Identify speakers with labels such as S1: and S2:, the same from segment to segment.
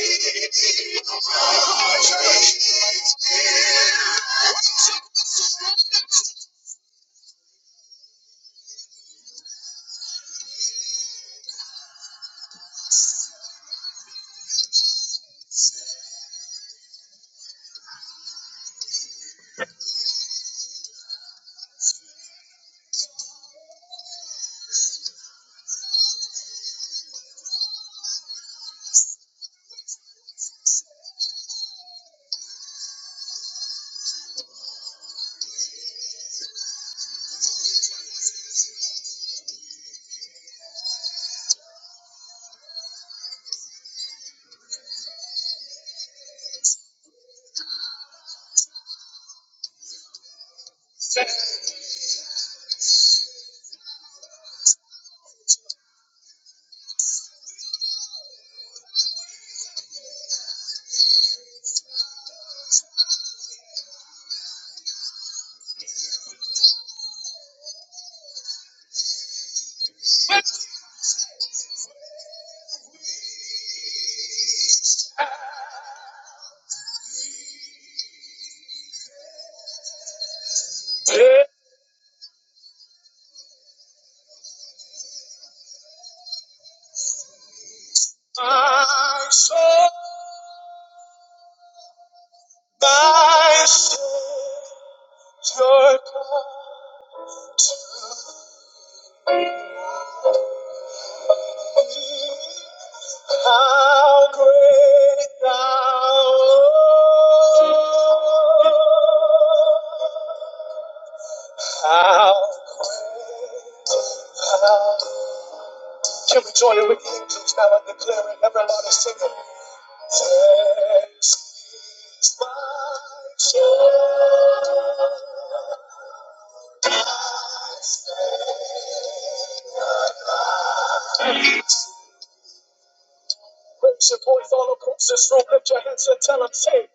S1: Yeah. Take my soul, my Savior, how great thou art. How great thou. Can we join in with the angels now and declare it? Everybody sing it. Yes. Raise your voice all across this room. Lift your hands and tell them, say,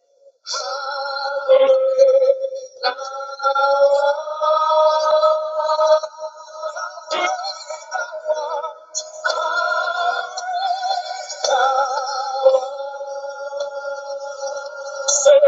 S1: say,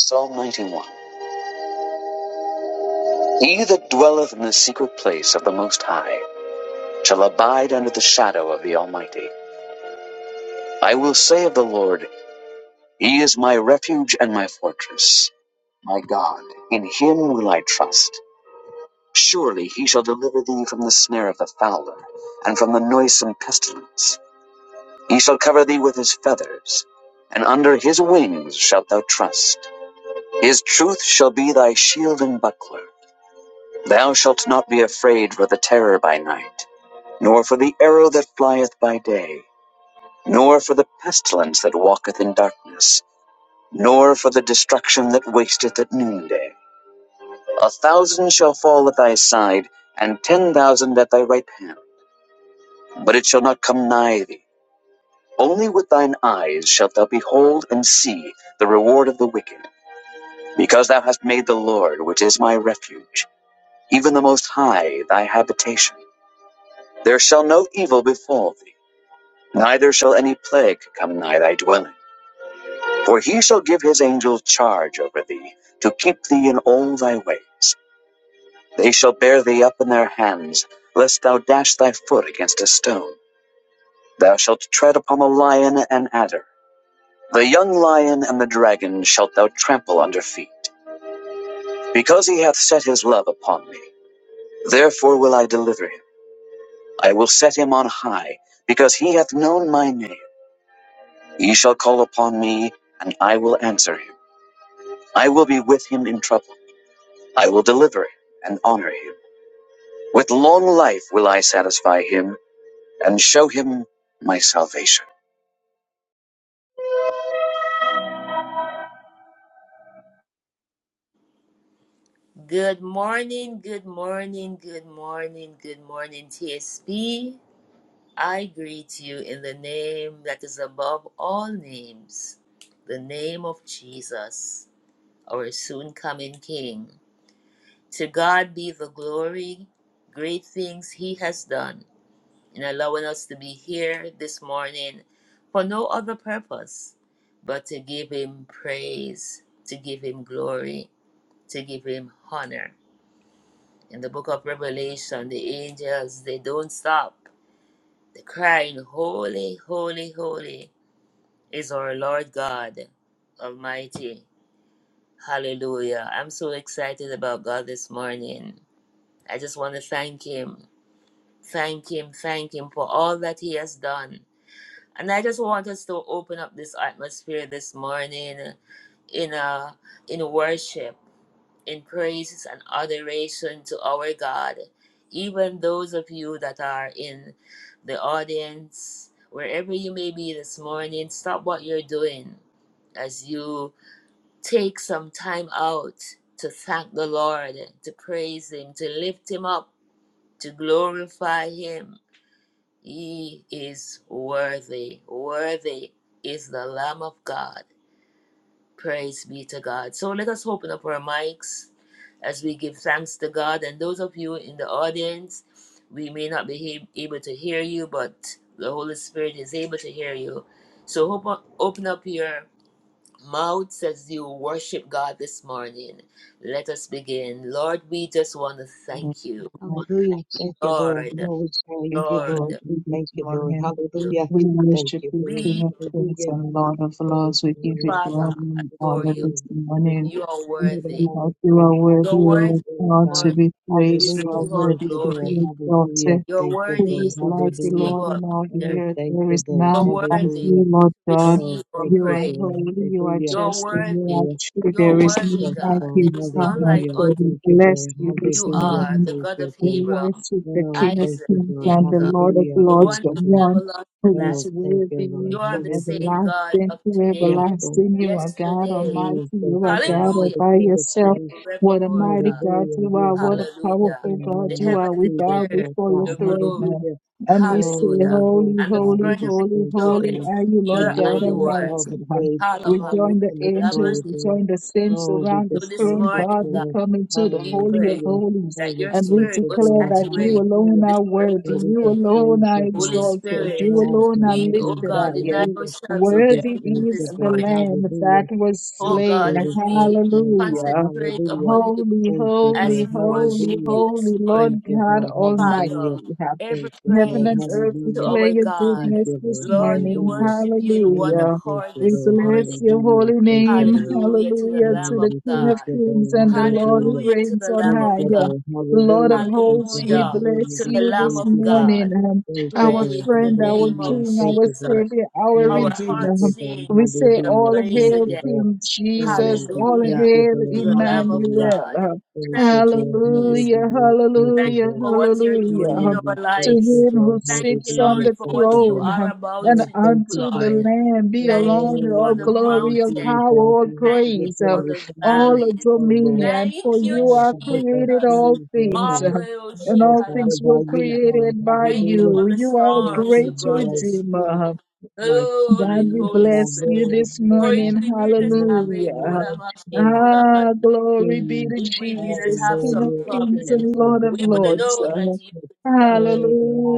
S1: Psalm 91. He that dwelleth in the secret place of the Most High shall abide under the shadow of the Almighty. I will say of the Lord, He is my refuge and my fortress. my God, in him will I trust. Surely he shall deliver thee from the snare of the fowler, and from the noisome pestilence. He shall cover thee with his feathers, and under his wings shalt thou trust. His truth shall be thy shield and buckler. Thou shalt not be afraid for the terror by night, nor for the arrow that flieth by day, nor for the pestilence that walketh in darkness, nor for the destruction that wasteth at noonday. A thousand shall fall at thy side, and ten thousand at thy right hand, but it shall not come nigh thee. Only with thine eyes shalt thou behold and see the reward of the wicked, because thou hast made the Lord, which is my refuge, even the Most High, thy habitation. There shall no evil befall thee, neither shall any plague come nigh thy dwelling. For he shall give his angels charge over thee, to keep thee in all thy ways. They shall bear thee up in their hands, lest thou dash thy foot against a stone. Thou shalt tread upon the lion and adder. The young lion and the dragon shalt thou trample under feet. Because he hath set his love upon me, therefore will I deliver him. I will set him on high, because he hath known my name. He shall call upon me, and I will answer him. I will be with him in trouble. I will deliver him and honor him. With long life will I satisfy him, and show him my salvation.
S2: Good morning, good morning, good morning, good morning, TSB. I greet you in the name that is above all names, the name of Jesus, our soon coming King. To God be the glory, great things He has done in allowing us to be here this morning for no other purpose but to give Him praise, to give Him glory, to give Him honor. In the book of Revelation, the angels, they don't stop. They're crying, Holy, holy, holy is our Lord God Almighty. Hallelujah. I'm so excited about God this morning. I just want to thank Him, thank Him, thank Him for all that He has done. And I just want us to open up this atmosphere this morning in, a, in worship in praises and adoration to our God. Even those of you that are in the audience, wherever you may be this morning, stop what you're doing as you take some time out to thank the Lord, to praise Him, to lift Him up, to glorify Him. He is worthy. Worthy is the Lamb of God. Praise be to God. So let us open up our mics as we give thanks to God. And those of you in the audience, we may not be he- able to hear you, but the Holy Spirit is able to hear you. So hop- open up your mouths as you worship God this morning. Let us begin. Lord, we just want to thank you. Lord,
S1: If
S2: Lord,
S1: from you this morning, we worship you, King
S2: we,
S1: of Kings and Lord of Lords. We give you
S2: Father,
S1: glory and
S2: adore
S1: honor
S2: you.
S1: this morning.
S2: You are
S1: We say
S2: worthy.
S1: that you are
S2: You
S1: worthy,
S2: are
S1: O
S2: worthy,
S1: God, to
S2: Lord,
S1: be
S2: to
S1: praised. You are
S2: receive all
S1: worthy to be
S2: glory.
S1: exalted.
S2: You're
S1: Who
S2: worthy
S1: is
S2: to
S1: like you,
S2: receive
S1: Lord,
S2: all
S1: in all
S2: honor.
S1: the earth? There is
S2: You're
S1: none like
S2: worthy to
S1: you, Lord God.
S2: receive all
S1: You are
S2: praise.
S1: holy, you are
S2: You're
S1: just, and you
S2: worthy.
S1: are true.
S2: You're
S1: There is
S2: worthy,
S1: none
S2: God.
S1: like
S2: There
S1: you,
S2: is none
S1: Father.
S2: like
S1: So
S2: unto
S1: we bless you this
S2: you
S1: morning.
S2: are the God of
S1: We
S2: Abraham,
S1: worship the King of
S2: Isaac,
S1: Kings
S2: Jacob,
S1: and the Lord of
S2: the
S1: Lords,
S2: one
S1: the
S2: who never
S1: one
S2: lost the
S1: who is
S2: battle. You
S1: worthy
S2: are
S1: from
S2: the same God
S1: everlasting
S2: of
S1: to
S2: today,
S1: everlasting. You are God
S2: yesterday.
S1: Almighty. You are God all
S2: Hallelujah.
S1: by
S2: And
S1: yourself. What a
S2: forevermore,
S1: mighty
S2: God.
S1: God you are. What a
S2: Hallelujah.
S1: powerful God
S2: The
S1: you
S2: heaven
S1: are. We bow
S2: declares
S1: before your
S2: your
S1: throne
S2: glory.
S1: now. And we say,
S2: Hallelujah.
S1: Holy,
S2: And the
S1: holy,
S2: firmament
S1: holy, holy
S2: showeth
S1: are you,
S2: your
S1: Lord God
S2: handiwork.
S1: Almighty. We
S2: Hallelujah.
S1: join the angels,
S2: Lamande.
S1: we join the saints around the
S2: So this
S1: throne,
S2: morning,
S1: God. We
S2: God,
S1: come into the
S2: we
S1: Holy
S2: pray
S1: of Holies.
S2: that your
S1: And we
S2: spirit will
S1: declare that you
S2: saturate
S1: alone
S2: this
S1: are worthy,
S2: spiritual
S1: you
S2: space.
S1: alone are
S2: Holy
S1: exalted, you
S2: Spirit,
S1: alone are
S2: we, oh
S1: lifted
S2: God, deny
S1: higher.
S2: ourselves of
S1: Worthy
S2: everything
S1: is
S2: this
S1: the
S2: morning.
S1: Lamb that was
S2: Oh
S1: slain.
S2: God, as we
S1: Hallelujah.
S2: concentrate upon you,
S1: Holy,
S2: as
S1: holy,
S2: we
S1: holy,
S2: worship you this
S1: holy
S2: morning.
S1: Lord God Almighty.
S2: Father, every
S1: Heaven
S2: praise
S1: and earth
S2: to
S1: declare
S2: our
S1: your
S2: God.
S1: goodness this
S2: Lord, we
S1: morning.
S2: worship you in one
S1: Hallelujah.
S2: accord
S1: We
S2: this morning.
S1: bless your holy name.
S2: Hallelujah to the
S1: Hallelujah to
S2: Lamb of
S1: the King of
S2: God.
S1: Kings and the Lord who
S2: Hallelujah to
S1: reigns
S2: the
S1: on
S2: Lamb of
S1: high.
S2: God.
S1: Lord of hosts, we
S2: Hallelujah
S1: bless
S2: to the
S1: you
S2: Lamb
S1: this
S2: of God.
S1: morning, um, our
S2: Praise the
S1: friend, our
S2: name of
S1: King, our
S2: Jesus.
S1: Savior, our
S2: Our
S1: Redeemer.
S2: hearts
S1: Um,
S2: sing
S1: We say,
S2: your
S1: All
S2: praise
S1: hail
S2: again.
S1: King Jesus, all
S2: Hallelujah
S1: hail
S2: to the Lamb of
S1: Emmanuel.
S2: God.
S1: Um,
S2: Thank you, Jesus.
S1: Hallelujah,
S2: Thank you
S1: hallelujah,
S2: for what you're
S1: hallelujah.
S2: doing in
S1: Um,
S2: our
S1: To
S2: lives.
S1: him who
S2: Thank you,
S1: sits on
S2: Lord,
S1: the
S2: for what you
S1: throne
S2: are
S1: um,
S2: about
S1: and
S2: to do,
S1: unto the
S2: Lord.
S1: Lamb be
S2: Thank
S1: alone
S2: you for
S1: all
S2: the
S1: glory,
S2: mountains.
S1: all power, all
S2: Thank you
S1: praise. Um,
S2: for the
S1: all
S2: valleys.
S1: dominion, for
S2: Thank you,
S1: you are created
S2: Jesus.
S1: all things,
S2: Marco
S1: and all
S2: Yoshikala
S1: things were created by
S2: Thank you
S1: you.
S2: for the
S1: You are a
S2: storms you
S1: great
S2: brought us through.
S1: redeemer. God,
S2: Holy,
S1: we
S2: Holy
S1: bless you
S2: Spirit.
S1: this
S2: For if
S1: morning.
S2: we didn't have a
S1: Hallelujah.
S2: Kola
S1: Ah, glory be to
S2: if we didn't
S1: Jesus,
S2: have
S1: King
S2: some
S1: of kings and
S2: problems,
S1: Lord of
S2: we wouldn't
S1: lords.
S2: know that you could solve them.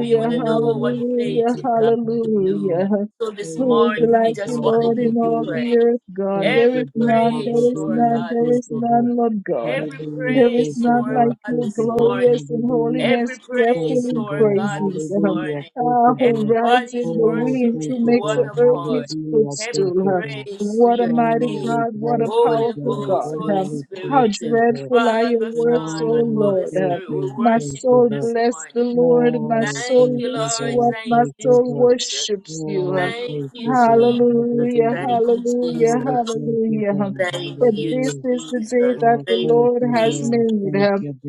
S2: We wouldn't know what
S1: hallelujah,
S2: faith in God could do.
S1: hallelujah.
S2: So this
S1: Who is
S2: morning, we
S1: like you,
S2: just want to
S1: Lord,
S2: give
S1: in
S2: you
S1: all the
S2: praise.
S1: earth, God? There
S2: Every
S1: is none,
S2: praise
S1: there is
S2: for
S1: none,
S2: God
S1: there
S2: this
S1: is
S2: morning.
S1: none, Lord God.
S2: Every
S1: There is
S2: praise to
S1: none
S2: our
S1: like
S2: God
S1: you,
S2: this morning.
S1: glorious in
S2: Every
S1: holiness, fearful
S2: praise to
S1: in
S2: our God
S1: praises.
S2: this morning.
S1: Ah, who rides
S2: Everybody's
S1: in the winds,
S2: worshiping
S1: who
S2: in
S1: makes
S2: one
S1: the earth
S2: accord.
S1: his
S2: Every
S1: footstool. huh?
S2: praise to
S1: What a
S2: your
S1: mighty
S2: name.
S1: God, what a
S2: Holy
S1: powerful
S2: Ghost,
S1: God.
S2: Holy
S1: huh? How
S2: Spirit,
S1: dreadful are your
S2: Father,
S1: works,
S2: Son,
S1: O
S2: and Holy
S1: Lord. huh?
S2: Spirit, we
S1: My
S2: worship you
S1: soul
S2: this
S1: bless
S2: morning.
S1: the Lord, my soul
S2: Thank you,
S1: lifts you
S2: Lord.
S1: up, my
S2: Thank you,
S1: soul
S2: Jesus.
S1: worships you. huh?
S2: Thank you, Jesus.
S1: Hallelujah,
S2: Thank you, Jesus.
S1: hallelujah, hallelujah.
S2: Thank
S1: For
S2: you,
S1: this is the
S2: Jesus.
S1: day that the
S2: Thank you,
S1: Lord has
S2: Jesus.
S1: made.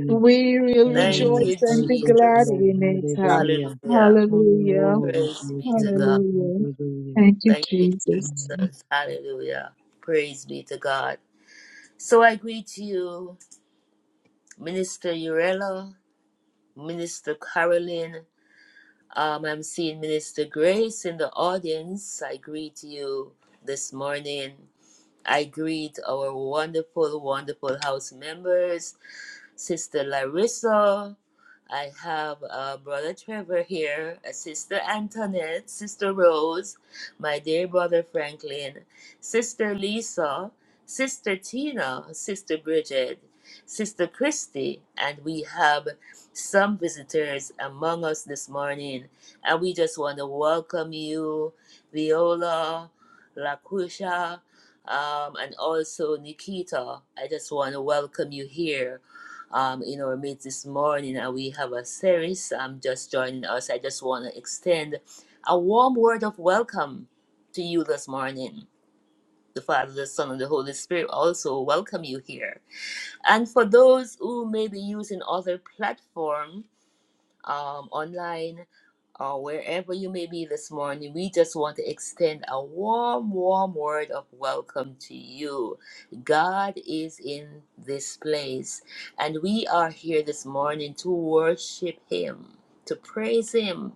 S1: We will
S2: Thank
S1: rejoice
S2: you,
S1: and be glad
S2: Jesus.
S1: in it.
S2: Hallelujah.
S1: Hallelujah,
S2: Praise be to God.
S1: hallelujah. Thank you,
S2: Thank you,
S1: Jesus.
S2: Jesus. Hallelujah. Praise be to God. So I greet you, Minister Urella, Minister Caroline. Um, I'm seeing Minister Grace in the audience. I greet you this morning. I greet our wonderful, wonderful house members. Sister Larissa. I have uh, Brother Trevor here, uh, Sister Antoinette, Sister Rose, my dear brother Franklin, Sister Lisa, Sister Tina, Sister Bridget, Sister Christy, and we have some visitors among us this morning. And we just want to welcome you, Viola, Lakusha, um, and also Nikita. I just want to welcome you here um, in our meet this morning. and we have a series. Um, just joining us. I just want to extend a warm word of welcome to you this morning. The Father, the Son, and the Holy Spirit also welcome you here. And for those who may be using other platforms, um, online, or wherever you may be this morning, we just want to extend a warm, warm word of welcome to you. God is in this place, and we are here this morning to worship Him, to praise Him.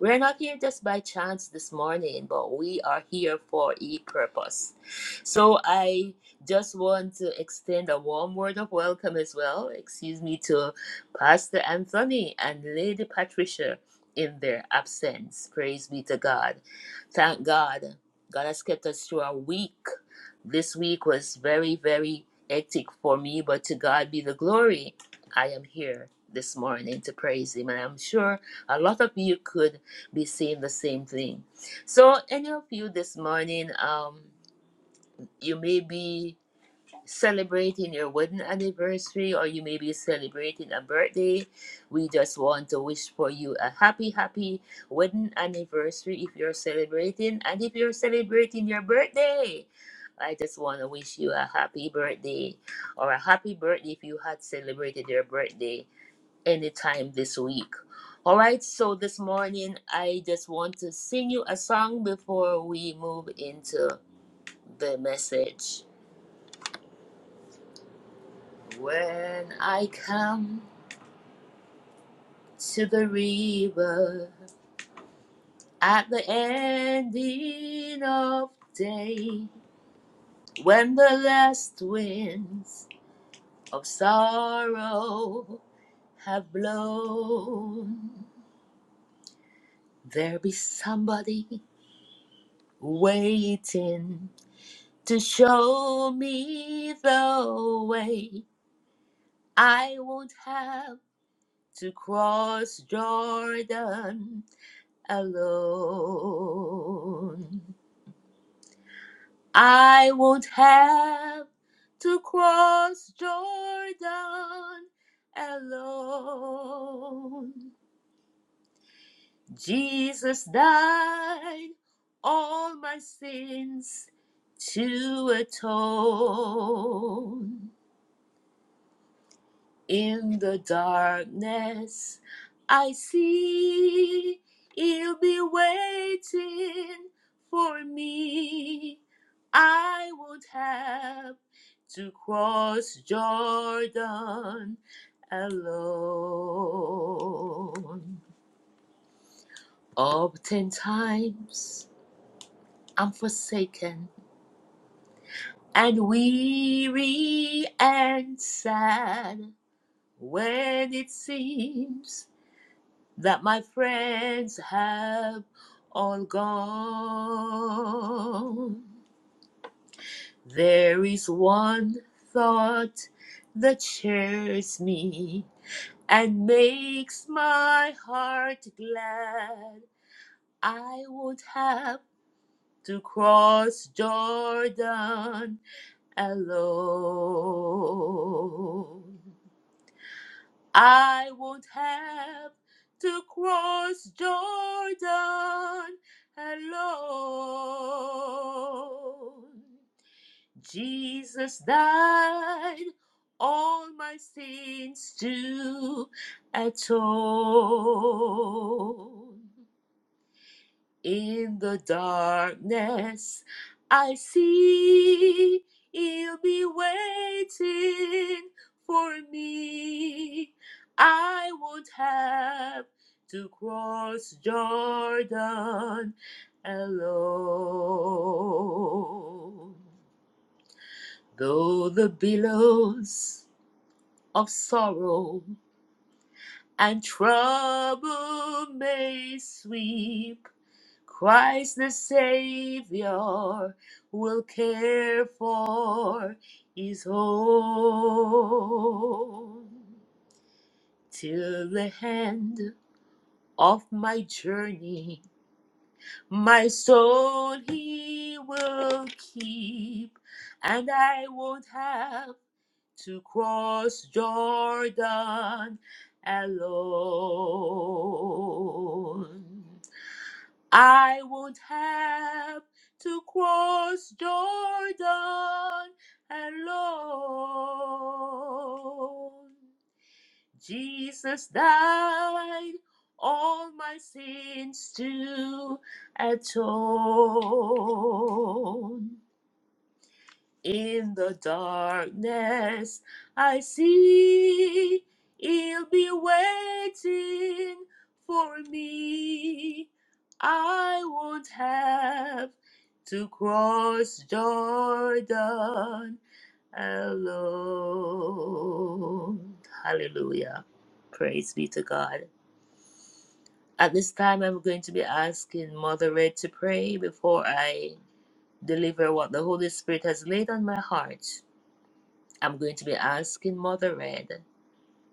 S2: We're not here just by chance this morning, but we are here for a purpose. So I just want to extend a warm word of welcome as well. Excuse me to Pastor Anthony and Lady Patricia in their absence. Praise be to God. Thank God. God has kept us through our week. This week was very, very hectic for me, but to God be the glory. I am here this morning to praise Him, and I'm sure a lot of you could be saying the same thing. So, any of you this morning, um, you may be celebrating your wedding anniversary or you may be celebrating a birthday we just want to wish for you a happy happy wedding anniversary if you're celebrating and if you're celebrating your birthday i just want to wish you a happy birthday or a happy birthday if you had celebrated your birthday anytime this week all right so this morning i just want to sing you a song before we move into the message When I come to the river at the ending of day, when the last winds of sorrow have blown, there will be somebody waiting to show me the way. I won't have to cross Jordan alone. I won't have to cross Jordan alone. Jesus died all my sins to atone. In the darkness, I see he will be waiting for me. I won't have to cross Jordan alone. Oftentimes, I'm forsaken and weary and sad when it seems that my friends have all gone. There is one thought that cheers me and makes my heart glad. I would have to cross Jordan alone. I won't have to cross Jordan alone. Jesus died all my sins to atone. In the darkness, I see you'll be waiting for me. I won't have to cross Jordan alone. Though the billows of sorrow and trouble may sweep. Christ the Savior will care for his own. Till the end of my journey, my soul he will keep, and I won't have to cross Jordan alone. I won't have to cross Jordan alone. Jesus died all my sins to atone. In the darkness, I see he'll be waiting for me. I won't have to cross Jordan alone. Hallelujah. Praise be to God. At this time, I'm going to be asking Mother Red to pray before I deliver what the Holy Spirit has laid on my heart. I'm going to be asking Mother Red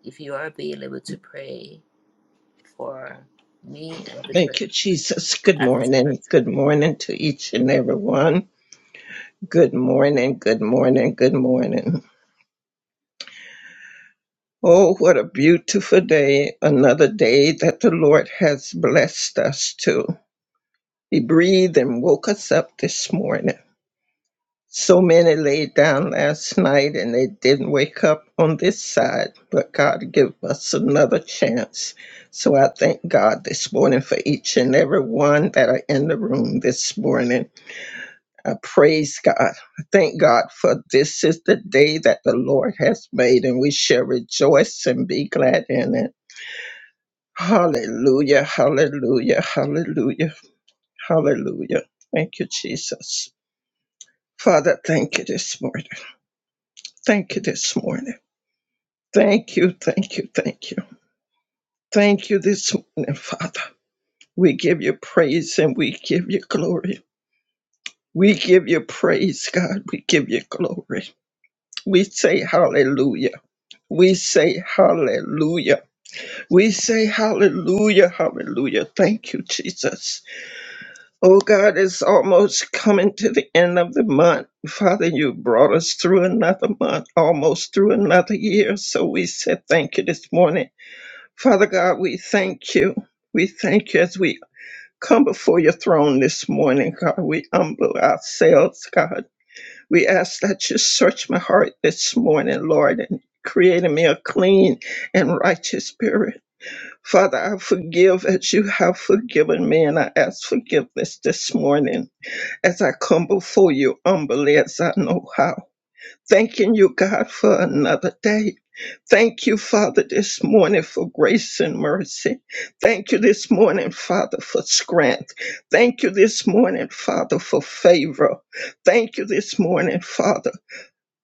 S2: if you are available to pray for me and to pray
S3: Thank you, Jesus. Good
S2: at this prayer.
S3: morning. Good morning to each and every one. Good morning. Good morning. Good morning. Oh, what a beautiful day. Another day that the Lord has blessed us to. He breathed and woke us up this morning. So many laid down last night and they didn't wake up on this side, but God gave us another chance. So I thank God this morning for each and every one that are in the room this morning. I praise God. I Thank God for this is the day that the Lord has made, and we shall rejoice and be glad in it. Hallelujah, hallelujah, hallelujah, hallelujah. Thank you, Jesus. Father, thank you this morning. Thank you this morning. Thank you, thank you, thank you. Thank you this morning, Father. We give you praise and we give you glory. We give you praise, God. We give you glory. We say hallelujah. We say hallelujah. We say hallelujah, hallelujah. Thank you, Jesus. Oh God, it's almost coming to the end of the month. Father, you brought us through another month, almost through another year. So we said thank you this morning. Father God, we thank you. We thank you as we come before your throne this morning, God. We humble ourselves, God. We ask that you search my heart this morning, Lord, and create in me a clean and righteous spirit. Father, I forgive as you have forgiven me, and I ask forgiveness this morning as I come before you humbly as I know how. Thanking you, God, for another day. Thank you, Father, this morning for grace and mercy. Thank you this morning, Father, for strength. Thank you this morning, Father, for favor. Thank you this morning, Father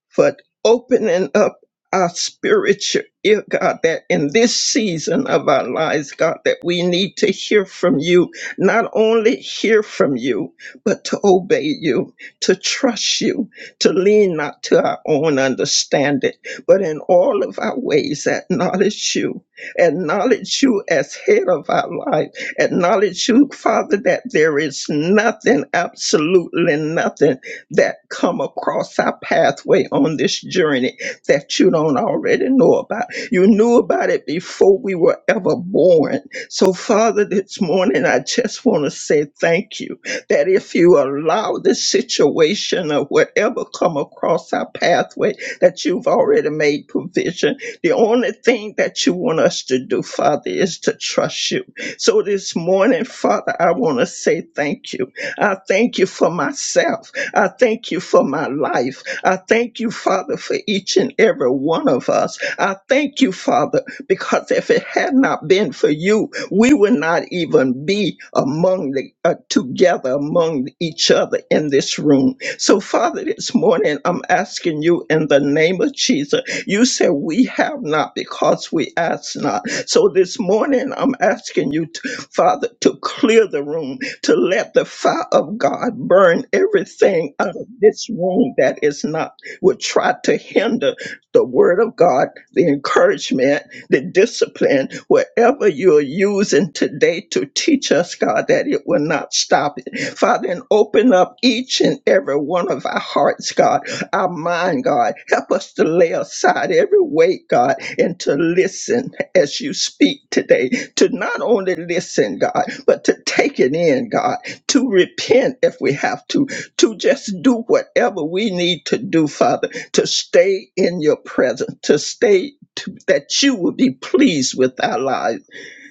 S3: for opening up our spiritual ear, God, that in this season of our lives, God, that we need to hear from you, not only hear from you, but to obey you, to trust you, to lean not to our own understanding, but in all of our ways, acknowledge you, acknowledge you as head of our life, acknowledge you, Father, that there is nothing, absolutely nothing that come across our pathway on this journey that you don't already know about. You knew about it before we were ever born. So, Father, this morning I just want to say thank you that if you allow this situation or whatever come across our pathway, that you've already made provision. The only thing that you want us to do, Father, is to trust you. So this morning, Father, I want to say thank you. I thank you for myself. I thank you for my life. I thank you, Father, for each and every one of us. I thank you, Father, because if it had not been for you, we would not even be among the uh, together among each other in this room. So, Father, this morning I'm asking you in the name of Jesus. You said we have not because we ask not. So this morning I'm asking you, to, Father, to clear the room to let the fire of God burn everything out of this room that is not, would try to hinder the word of God, the encouragement, the discipline, whatever you're using today to teach us, God, that it will not stop it. Father, and open up each and every one of our hearts, God, our mind, God. Help us to lay aside every weight, God, and to listen as you speak today. To not only listen, God, but to take it in, God, to repent if we have to, to just do whatever we need to do, Father, to stay in your presence, to stay. To, that you will be pleased with our lives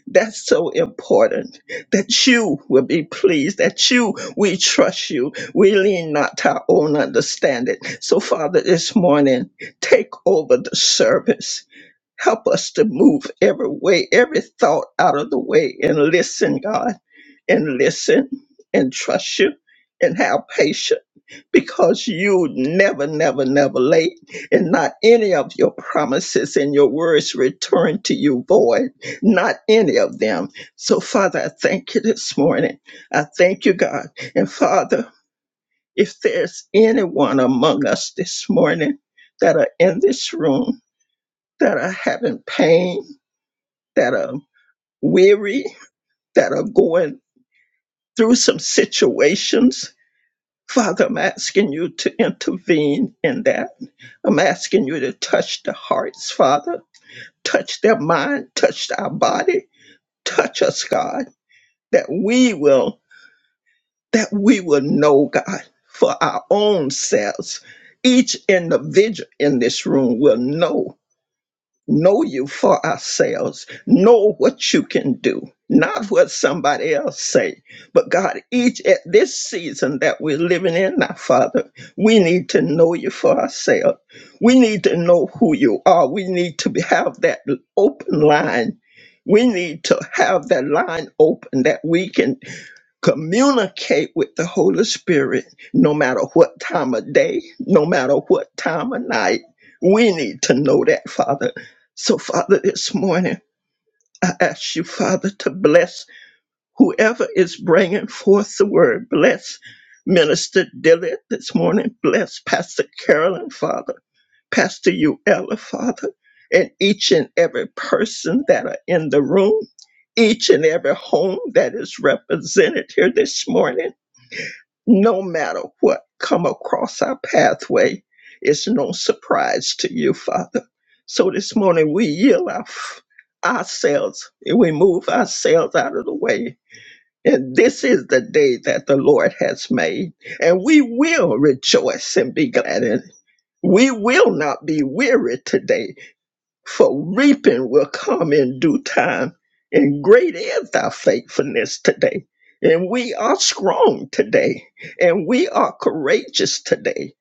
S3: that's so important that you will be pleased, that you, we trust you. We lean not to our own understanding. So, Father, this morning, take over the service. Help us to move every way, every thought out of the way and listen, God, and listen and trust you and have patience because you never, never, never late, and not any of your promises and your words return to you void, not any of them. So, Father, I thank you this morning. I thank you, God. And Father, if there's anyone among us this morning that are in this room, that are having pain, that are weary, that are going through some situations, Father, I'm asking you to intervene in that. I'm asking you to touch the hearts, Father, touch their mind, touch our body, touch us, God, that we will, that we will know, God, for our own selves. Each individual in this room will know know you for ourselves know what you can do not what somebody else say but god each at this season that we're living in now father we need to know you for ourselves we need to know who you are we need to be, have that open line we need to have that line open that we can communicate with the Holy Spirit no matter what time of day, no matter what time of night. We need to know that, Father. So, Father, this morning, I ask you, Father, to bless whoever is bringing forth the word. Bless Minister Dillard this morning. Bless Pastor Carolyn, Father. Pastor Uella, Father. And each and every person that are in the room, each and every home that is represented here this morning no matter what come across our pathway it's no surprise to you father so this morning we yield our, ourselves and we move ourselves out of the way and this is the day that the lord has made and we will rejoice and be glad in it we will not be weary today for reaping will come in due time. And great is thy faithfulness today. And we are strong today. And we are courageous today.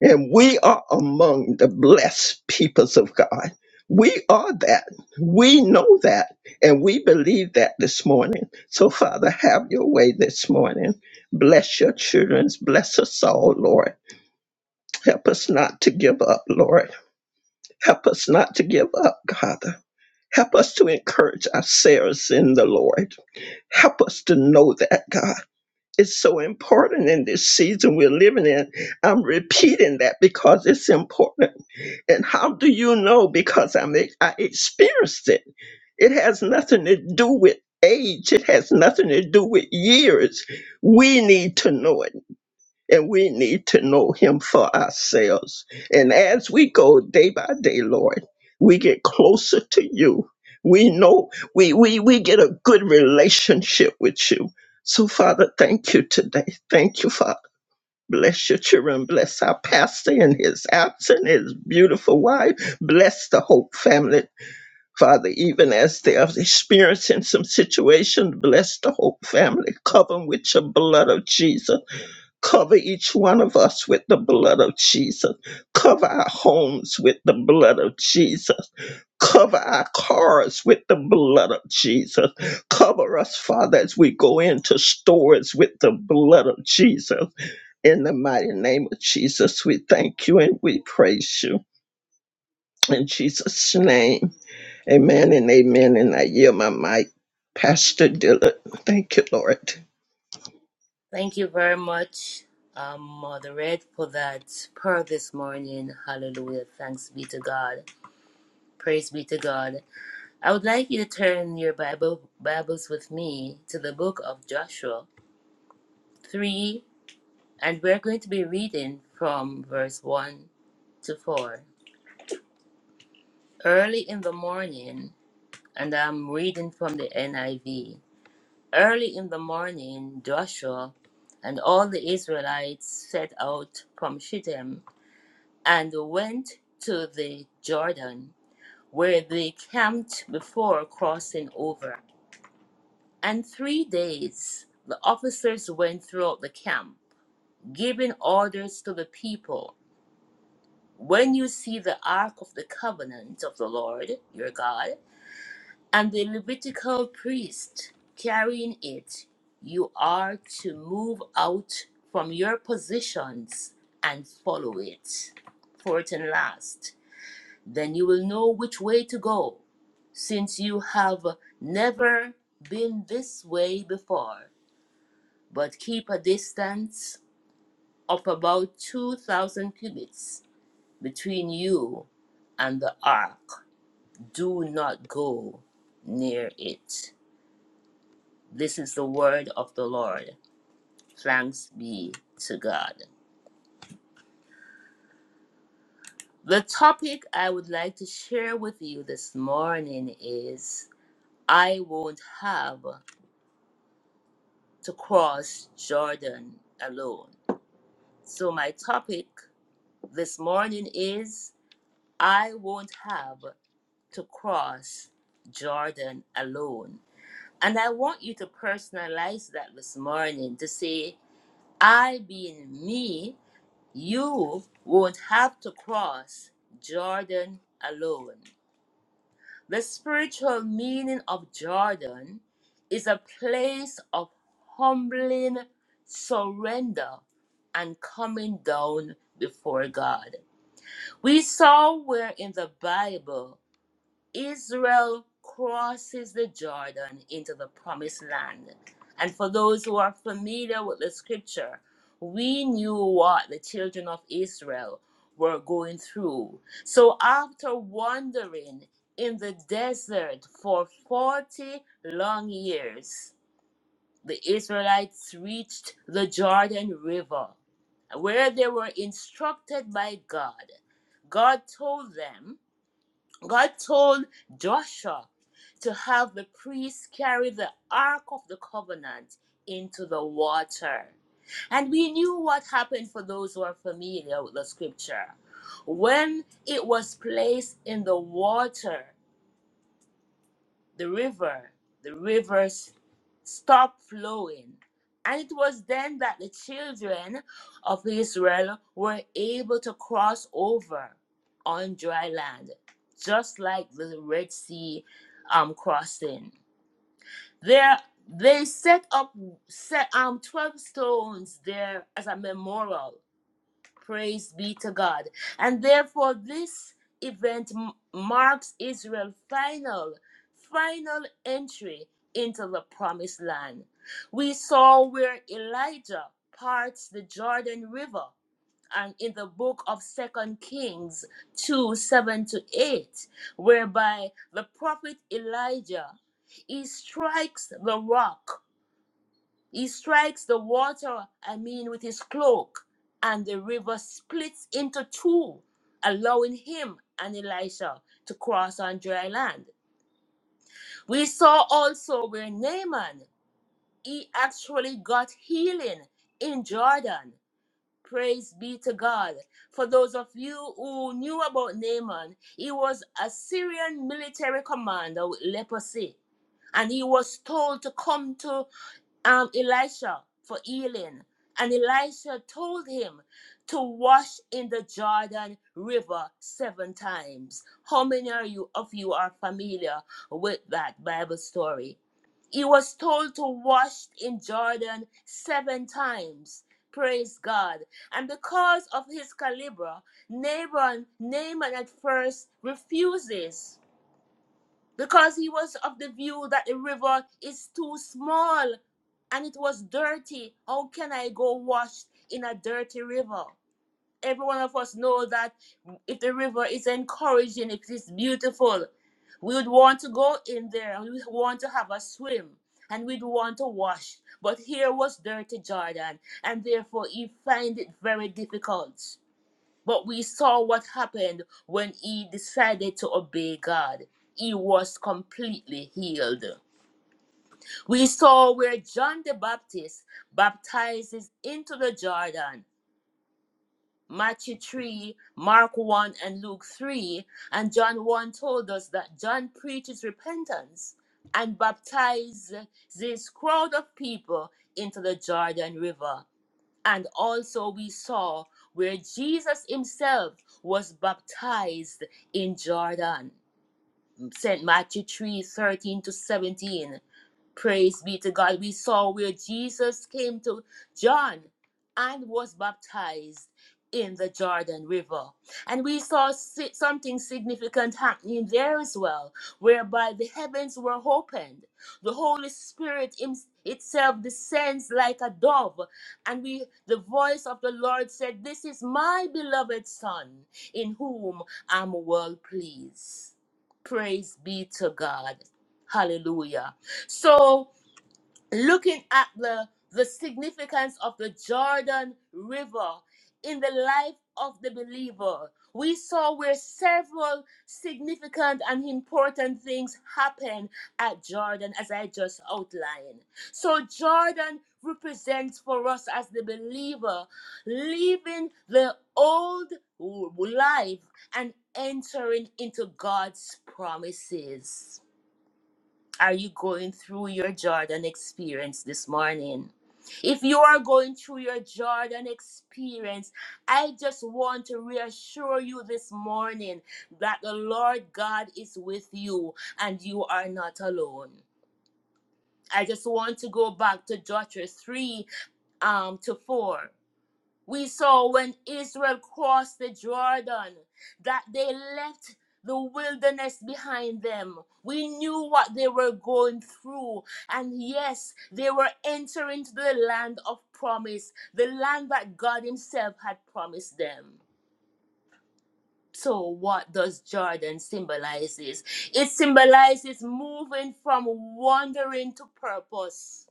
S3: And we are among the blessed peoples of God. We are that. We know that. And we believe that this morning. So, Father, have your way this morning. Bless your children. Bless us all, Lord. Help us not to give up, Lord. Help us not to give up, God. Help us to encourage ourselves in the Lord. Help us to know that, God. It's so important in this season we're living in. I'm repeating that because it's important. And how do you know? Because I'm, I experienced it. It has nothing to do with age, it has nothing to do with years. We need to know it and we need to know him for ourselves. And as we go day by day, Lord, we get closer to you. We know we we we get a good relationship with you. So Father, thank you today. Thank you, Father. Bless your children. Bless our pastor and his absent, his beautiful wife. Bless the Hope family. Father, even as they are experiencing some situations, bless the Hope family. Cover them with your blood of Jesus. Cover each one of us with the blood of Jesus. Cover our homes with the blood of Jesus. Cover our cars with the blood of Jesus. Cover us, Father, as we go into stores with the blood of Jesus. In the mighty name of Jesus, we thank you and we praise you. In Jesus' name, amen and amen. And I yield my mic, Pastor Dillard. Thank you, Lord.
S2: Thank you very much, um, Mother Red, for that prayer this morning. Hallelujah. Thanks be to God. Praise be to God. I would like you to turn your Bible Bibles with me to the book of Joshua 3, and we're going to be reading from verse 1 to 4. Early in the morning, and I'm reading from the NIV. Early in the morning, Joshua and all the Israelites set out from Shittim and went to the Jordan, where they camped before crossing over. And three days the officers went throughout the camp, giving orders to the people. When you see the ark of the covenant of the Lord your God, and the Levitical priest carrying it, you are to move out from your positions and follow it. Fourth and last, then you will know which way to go, since you have never been this way before. But keep a distance of about 2,000 cubits between you and the ark. Do not go near it. This is the word of the Lord. Thanks be to God. The topic I would like to share with you this morning is I won't have to cross Jordan alone. So, my topic this morning is I won't have to cross Jordan alone. And I want you to personalize that this morning to say, I being me You would have to cross Jordan alone. The spiritual meaning of Jordan is a place of humbling surrender and coming down before God. We saw where in the Bible Israel crosses the Jordan into the promised land. And for those who are familiar with the scripture, we knew what the children of Israel were going through. So after wandering in the desert for 40 long years, the Israelites reached the Jordan River, where they were instructed by God. God told them God told Joshua to have the priests carry the Ark of the Covenant into the water. And we knew what happened for those who are familiar with the scripture. When it was placed in the water, the river, the rivers stopped flowing. And it was then that the children of Israel were able to cross over on dry land, just like the Red Sea um, crossing. There, they set up set, um, 12 stones there as a memorial Praise be to God. And therefore, this event m- marks Israel's final, final entry into the promised land. We saw where Elijah parts the Jordan River. And in the book of Second Kings 2 7 to 8, whereby the prophet Elijah he strikes the rock he strikes the water, I mean, with his cloak, and the river splits into two, allowing him and Elisha to cross on dry land. We saw also where Naaman, he actually got healing in Jordan Praise be to God. For those of you who knew about Naaman, he was a Syrian military commander with leprosy, and he was told to come to um, Elisha for healing. And Elisha told him to wash in the Jordan River seven times. How many are you, of you are familiar with that Bible story? He was told to wash in Jordan seven times. Praise God. And because of his caliber, Nabon, Naaman at first refuses because he was of the view that the river is too small and it was dirty. How can I go wash in a dirty river? Every one of us know that if the river is encouraging, if it's beautiful, we would want to go in there and we would want to have a swim and we'd want to wash. But here was dirty Jordan, and therefore he find it very difficult. But we saw what happened when he decided to obey God. He was completely healed. We saw where John the Baptist baptizes into the Jordan. Matthew 3, Mark 1, and Luke 3. And John 1 told us that John preaches repentance and baptizes this crowd of people into the Jordan River. And also, we saw where Jesus himself was baptized in Jordan. St. Matthew 3 13 to 17. Praise be to God. We saw where Jesus came to John and was baptized in the Jordan River. And we saw si- something significant happening there as well, whereby the heavens were opened. The Holy Spirit im- itself descends like a dove. And we the voice of the Lord said, This is my beloved Son, in whom I'm well pleased. Praise be to God. Hallelujah. So, looking at the the significance of the Jordan River in the life of the believer, we saw where several significant and important things happen at Jordan, as I just outlined. So, Jordan represents for us as the believer leaving the old life and entering into God's promises are you going through your Jordan experience this morning? If you are going through your Jordan experience, I just want to reassure you this morning that the Lord God is with you and you are not alone. I just want to go back to Joshua 3 um, to 4. We saw when Israel crossed the Jordan that they left the wilderness behind them. We knew what they were going through. And yes, they were entering the land of promise, the land that God Himself had promised them. So, what does Jordan symbolizes? It symbolizes moving from wandering to purpose.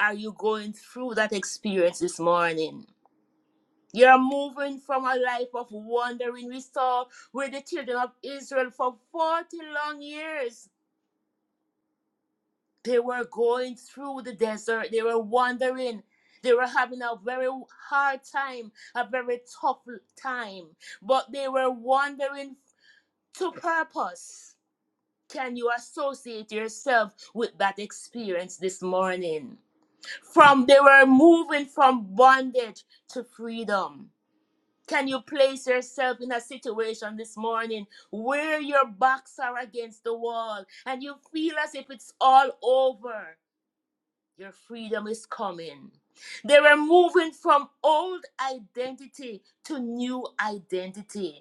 S2: Are you going through that experience this morning? You're moving from a life of wandering. We saw with the children of Israel for 40 long years. They were going through the desert, they were wandering. They were having a very hard time, a very tough time, but they were wandering to purpose. Can you associate yourself with that experience this morning? From they were moving from bondage to freedom Can you place yourself in a situation this morning where your backs are against the wall and you feel as if it's all over? Your freedom is coming. They were moving from old identity to new identity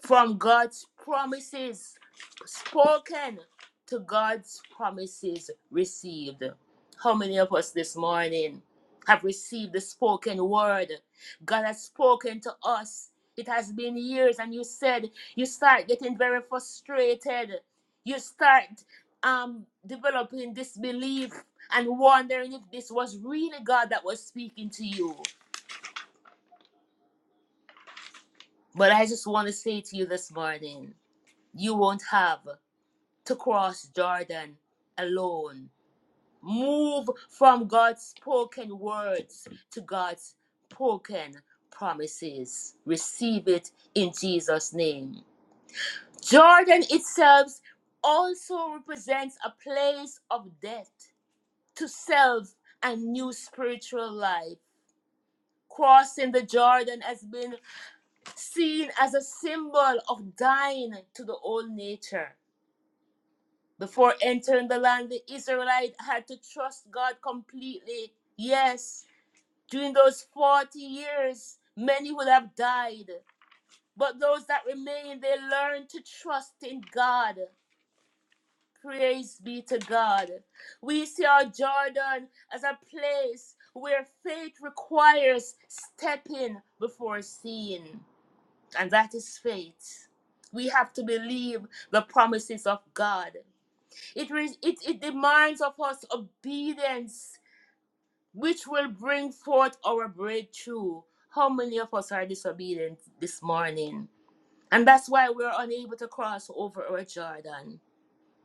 S2: from God's promises spoken to God's promises received. How many of us this morning have received the spoken word? God has spoken to us. It has been years, and you said you start getting very frustrated. You start um, developing disbelief and wondering if this was really God that was speaking to you. But I just want to say to you this morning you won't have. to cross Jordan alone. Move from God's spoken words to God's spoken promises. Receive it in Jesus' name. Jordan itself also represents a place of death to self and new spiritual life. Crossing the Jordan has been seen as a symbol of dying to the old nature Before entering the land, the Israelite had to trust God completely. Yes, during those 40 years, many would have died. But those that remained, they learned to trust in God. Praise be to God. We see our Jordan as a place where faith requires stepping before seeing, and that is faith. We have to believe the promises of God. It, re- it, it demands of us obedience, which will bring forth our breakthrough. How many of us are disobedient this morning? And that's why we're unable to cross over our Jordan.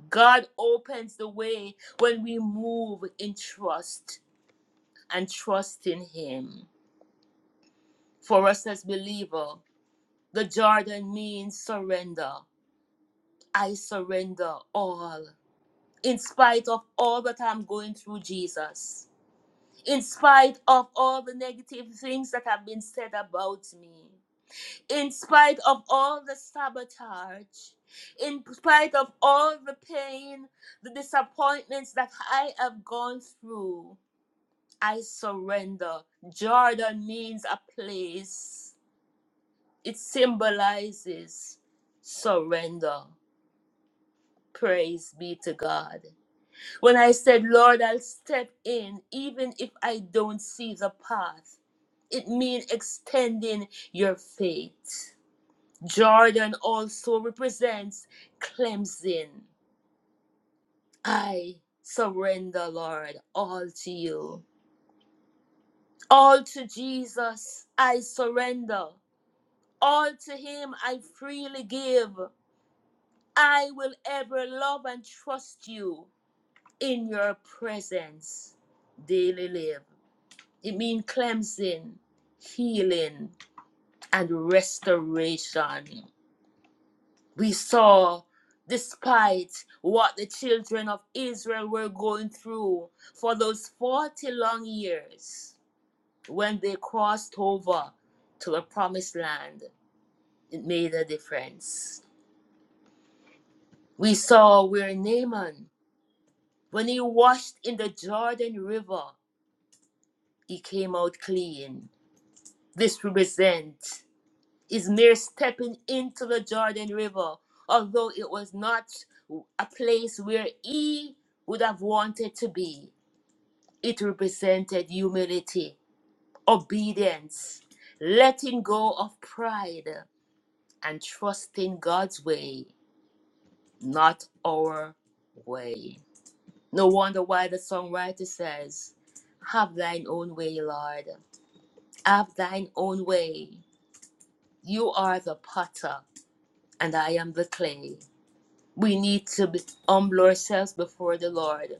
S2: God opens the way when we move in trust and trust in Him. For us as believers, the Jordan means surrender. I surrender all. In spite of all that I'm going through, Jesus. in spite of all the negative things that have been said about me, in spite of all the sabotage, in spite of all the pain, the disappointments that I have gone through, I surrender. Jordan means a place, it symbolizes surrender. Praise be to God. When I said, Lord, I'll step in even if I don't see the path, it means extending your faith. Jordan also represents cleansing. I surrender, Lord, all to you. All to Jesus, I surrender. All to Him, I freely give. I will ever love and trust you in your presence. Daily live. It means cleansing, healing, and restoration. We saw, despite what the children of Israel were going through for those 40 long years, when they crossed over to the promised land, it made a difference. We saw where Naaman, when he washed in the Jordan River, he came out clean. This represents is mere stepping into the Jordan River, although it was not a place where he would have wanted to be. It represented humility, obedience, letting go of pride, and trusting God's way, not our way. No wonder why the songwriter says, Have thine own way, Lord. Have thine own way. You are the potter, and I am the clay. We need to be- humble ourselves before the Lord.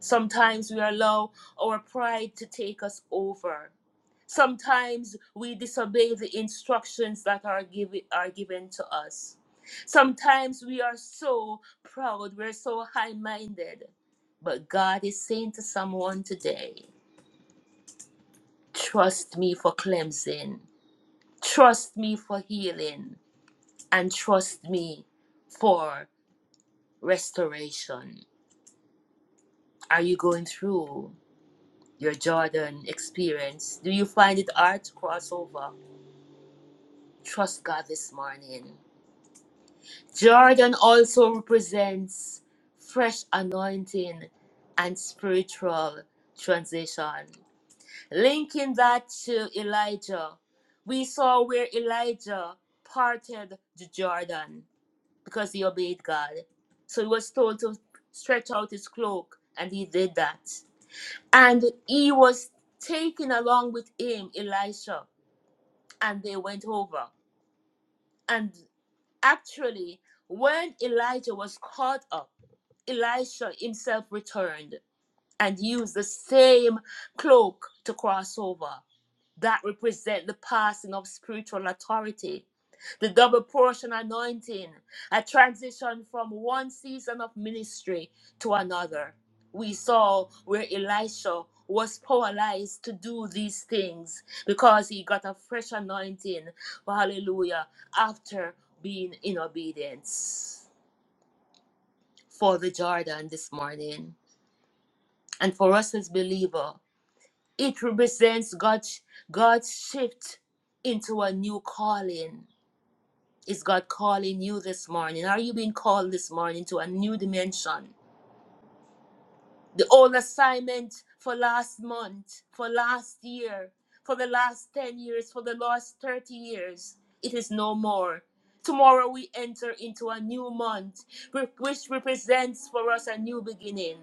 S2: Sometimes we allow our pride to take us over. Sometimes we disobey the instructions that are given are given to us. Sometimes we are so proud, we're so high-minded. But God is saying to someone today, trust me for cleansing, trust me for healing, and trust me for restoration. are you going through your Jordan experience? Do you find it hard to cross over? Trust God this morning. Jordan also represents fresh anointing and spiritual transition. Linking that to Elijah, we saw where Elijah parted the Jordan because he obeyed God. So he was told to stretch out his cloak, and he did that. And he was taken along with him, Elisha, and they went over. And actually, when Elijah was caught up, Elisha himself returned and used the same cloak to cross over that represent the passing of spiritual authority. The double portion anointing, a transition from one season of ministry to another. We saw where Elisha was paralyzed to do these things because he got a fresh anointing, hallelujah, after being in obedience. For the Jordan this morning, and for us as believers, it represents God's God's shift into a new calling. Is God calling you this morning? Are you being called this morning to a new dimension? the old assignment for last month, for last year, for the last 10 years, for the last 30 years. It is no more. Tomorrow we enter into a new month, re- which represents for us a new beginning.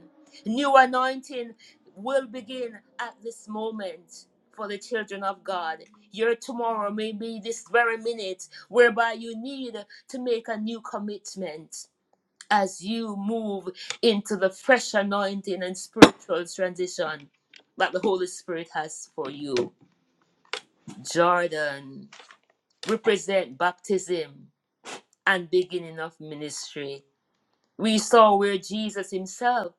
S2: New anointing will begin at this moment for the children of God. Your tomorrow may be this very minute whereby you need to make a new commitment as you move into the fresh anointing and spiritual transition that the Holy Spirit has for you. Jordan represent baptism and beginning of ministry. We saw where Jesus himself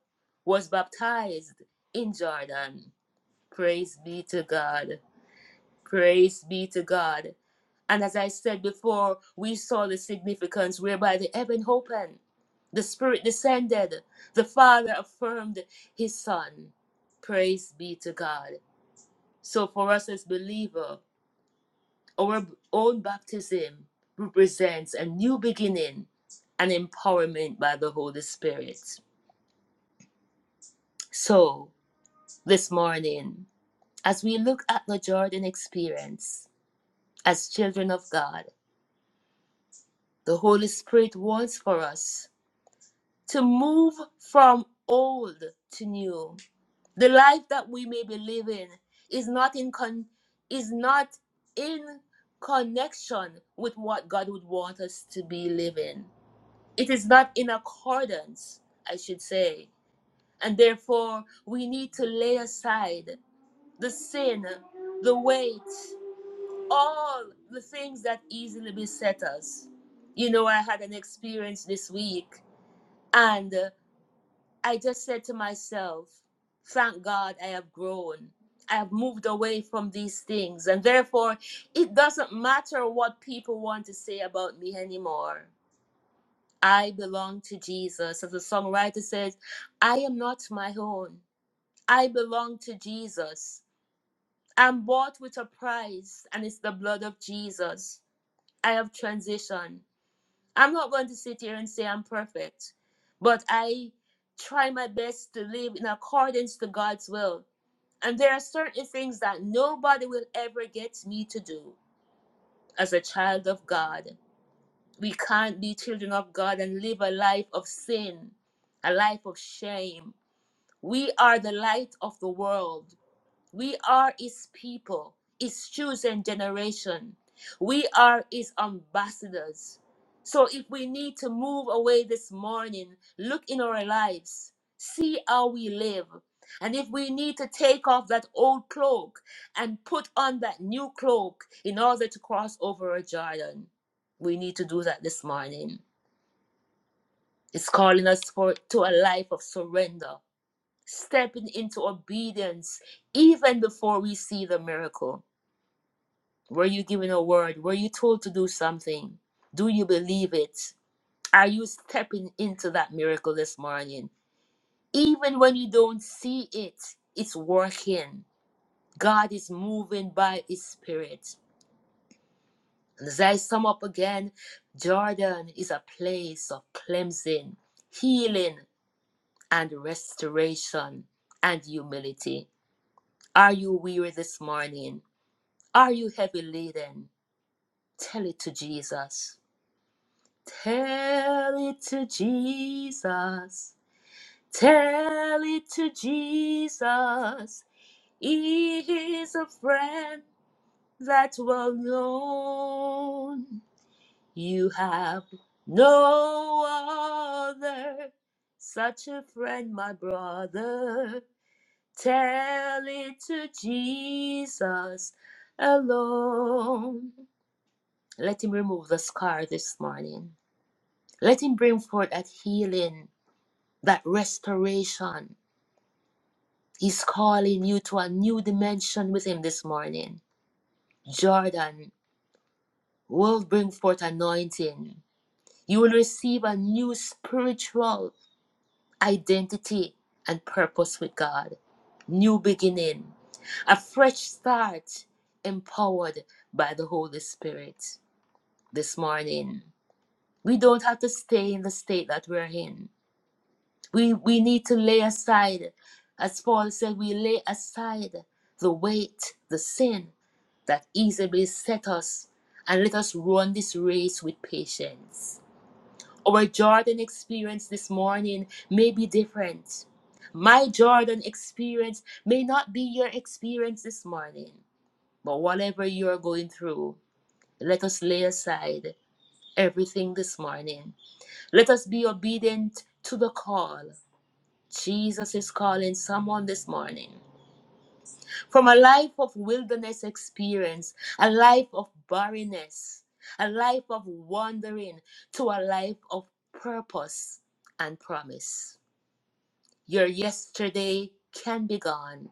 S2: was baptized in Jordan. Praise be to God. Praise be to God. And as I said before, we saw the significance whereby the heaven opened, the Spirit descended, the Father affirmed His Son. Praise be to God. So for us as believer, our own baptism represents a new beginning and empowerment by the Holy Spirit. So this morning, as we look at the Jordan experience as children of God, The Holy Spirit wants for us to move from old to new. The life that we may be living is not in con- is not in connection with what God would want us to be living. It is not in accordance, I should say. And therefore, we need to lay aside the sin, the weight, all the things that easily beset us. You know, I had an experience this week, and uh, I just said to myself, Thank God I have grown. I have moved away from these things, and therefore, it doesn't matter what people want to say about me anymore. I belong to Jesus. As the songwriter says, I am not my own. I belong to Jesus. I'm bought with a price, and it's the blood of Jesus. I have transitioned. I'm not going to sit here and say I'm perfect, but I try my best to live in accordance to God's will. And there are certain things that nobody will ever get me to do as a child of God. We can't be children of God and live a life of sin, a life of shame. We are the light of the world. We are His people, His chosen generation. We are His ambassadors. So if we need to move away this morning, look in our lives, see how we live. And if we need to take off that old cloak and put on that new cloak in order to cross over a Jordan, we need to do that this morning. It's calling us for to a life of surrender stepping into obedience even before we see the miracle. Were you given a word? Were you told to do something? Do you believe it? Are you stepping into that miracle this morning? Even when you don't see it, it's working. God is moving by His Spirit. And as I sum up again, Jordan is a place of cleansing, healing, and restoration and humility. Are you weary this morning? Are you heavy laden? Tell it to Jesus. Tell it to Jesus. Tell it to Jesus. He is a friend that's well known. You have no other, such a friend, my brother. Tell it to Jesus alone. Let him remove the scar this morning. Let him bring forth that healing, that restoration. He's calling you to a new dimension with him this morning. Jordan will bring forth anointing. You will receive a new spiritual identity and purpose with God. New beginning. A fresh start empowered by the Holy Spirit this morning. We don't have to stay in the state that we're in We, we need to lay aside, as Paul said, we lay aside the weight, the sin that easily beset us, and let us run this race with patience. Our Jordan experience this morning may be different. My Jordan experience may not be your experience this morning, but whatever you're going through, let us lay aside everything this morning. Let us be obedient to the call Jesus is calling someone this morning from a life of wilderness experience, a life of barrenness, a life of wandering to a life of purpose and promise. Your yesterday can be gone.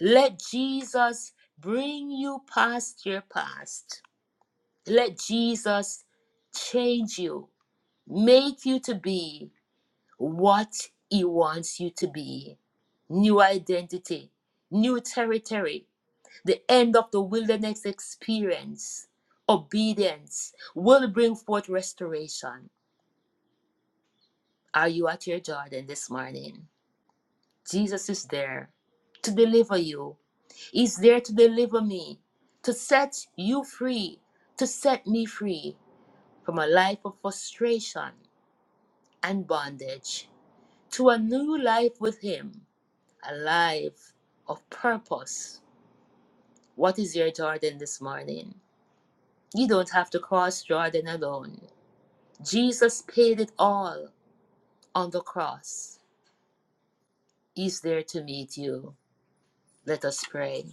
S2: Let Jesus bring you past your past. Let Jesus change you, make you to be. what He wants you to be new identity, new territory, the end of the wilderness experience. Obedience will bring forth restoration. Are you at your Jordan this morning? Jesus is there to deliver you. He's there to deliver me, to set you free, to set me free from a life of frustration and bondage to a new life with Him a life of purpose. What is your Jordan this morning? You don't have to cross Jordan alone. Jesus paid it all on the cross. He's there to meet you. Let us pray.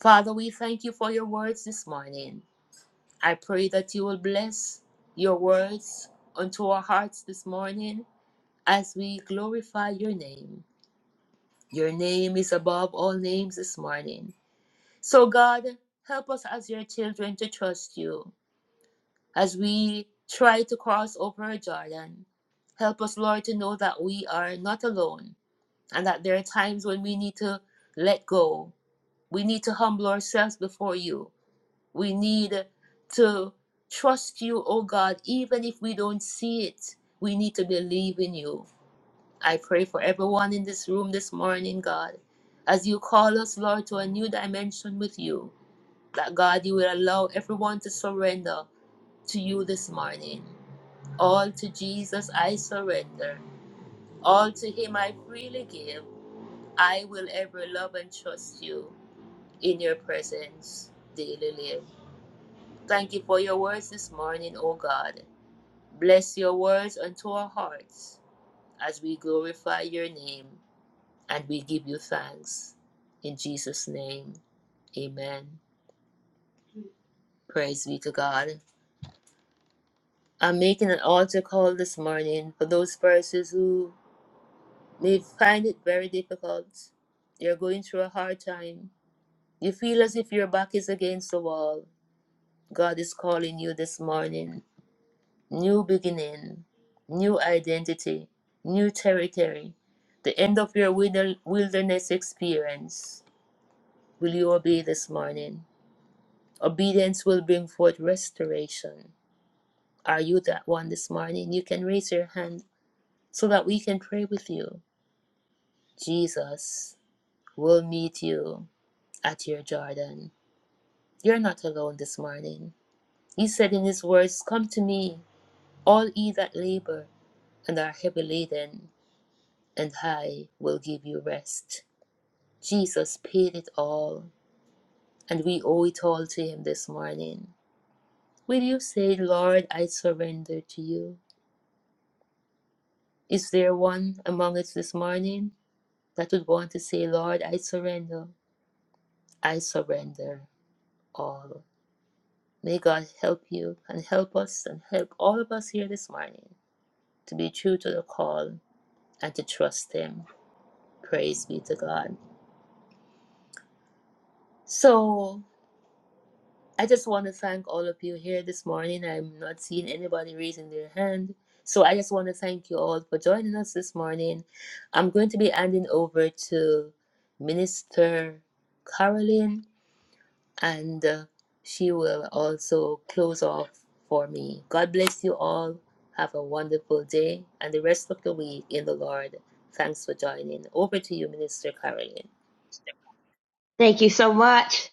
S2: Father, we thank you for your words this morning. I pray that you will bless your words unto our hearts this morning as we glorify your name. Your name is above all names this morning. So, God, help us as your children to trust you as we try to cross over Jordan. Help us, Lord, to know that we are not alone and that there are times when we need to let go. We need to humble ourselves before you. We need to trust you, O God, even if we don't see it. We need to believe in you. I pray for everyone in this room this morning, God, as you call us, Lord, to a new dimension with you that God, you will allow everyone to surrender to you this morning. All to Jesus I surrender. All to Him I freely give. I will ever love and trust you in your presence daily live. Thank you for your words this morning, O God. Bless your words unto our hearts as we glorify your name and we give you thanks. In Jesus' name, amen. Praise be to God. I'm making an altar call this morning for those persons who may find it very difficult. You're going through a hard time. You feel as if your back is against the wall. God is calling you this morning. New beginning, new identity, new territory, the end of your wilder- wilderness experience. Will you obey this morning? Obedience will bring forth restoration. Are you that one this morning? You can raise your hand so that we can pray with you. Jesus will meet you at your Jordan. You're not alone this morning. He said in his words, Come to me, all ye that labor and are heavy laden, and I will give you rest. Jesus paid it all, and we owe it all to him this morning. Will you say, Lord, I surrender to you? Is there one among us this morning that would want to say, Lord, I surrender? I surrender all. May God help you and help us and help all of us here this morning to be true to the call and to trust Him. Praise be to God. So, I just want to thank all of you here this morning. I'm not seeing anybody raising their hand. So, I just want to thank you all for joining us this morning. I'm going to be handing over to Minister Carolyn and uh, she will also close off for me. God bless you all. Have a wonderful day and the rest of the week in the Lord. Thanks for joining. Over to you, Minister Caroline.
S4: Thank you so much.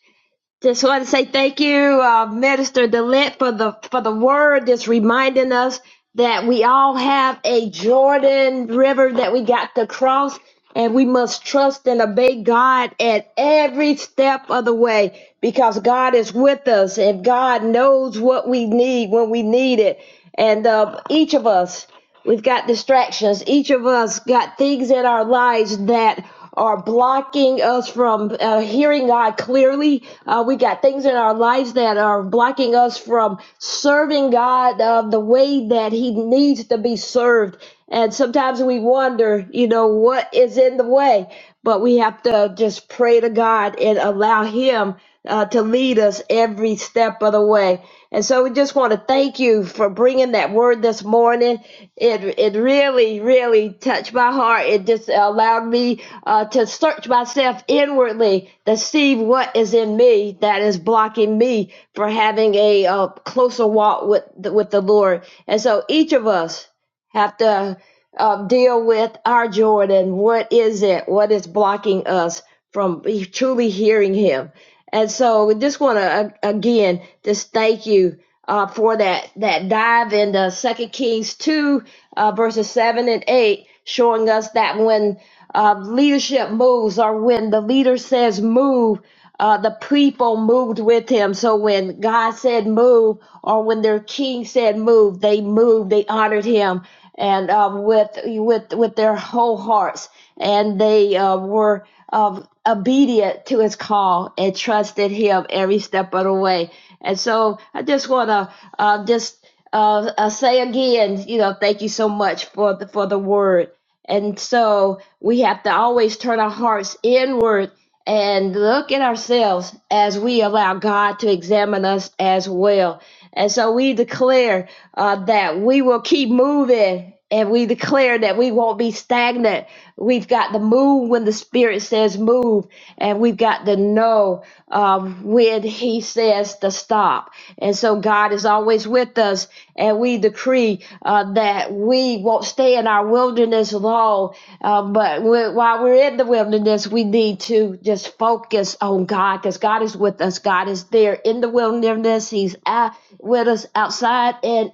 S4: Just want to say thank you, uh, Minister Dillett, for the for the word that's reminding us that we all have a Jordan River that we got to cross, and we must trust and obey God at every step of the way because God is with us, and God knows what we need when we need it. And uh, each of us, We've got distractions. Each of us got things in our lives that are blocking us from uh, hearing God clearly. Uh, we got things in our lives that are blocking us from serving God uh, the way that He needs to be served. And sometimes we wonder, you know, what is in the way. But we have to just pray to God and allow Him uh, to lead us every step of the way. And so we just want to thank you for bringing that word this morning it it really really touched my heart it just allowed me uh, to search myself inwardly to see what is in me that is blocking me for having a uh, closer walk with the, with the lord and so each of us have to um, deal with our jordan what is it what is blocking us from truly hearing him and so we just want to uh, again just thank you uh, for that that dive into Second Kings two uh, verses seven and eight, showing us that when uh, leadership moves or when the leader says move, uh, the people moved with him. So when God said move, or when their king said move, they moved. They honored him and uh, with with with their whole hearts, and they uh, were um, obedient to his call and trusted him every step of the way. And so I just want to uh, just uh, uh, say again, you know, thank you so much for the, for the word. And so we have to always turn our hearts inward and look at ourselves as we allow God to examine us as well. And so we declare uh, that we will keep moving and we declare that we won't be stagnant We've got the move when the Spirit says move, and we've got the no um, when He says to stop. And so God is always with us, and we decree uh, that we won't stay in our wilderness long. Uh, but we, while we're in the wilderness, we need to just focus on God because God is with us. God is there in the wilderness, He's out, with us outside and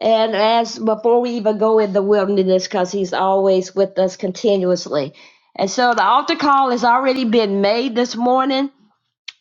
S4: and as before we even go in the wilderness, because he's always with us continuously. And so the altar call has already been made this morning.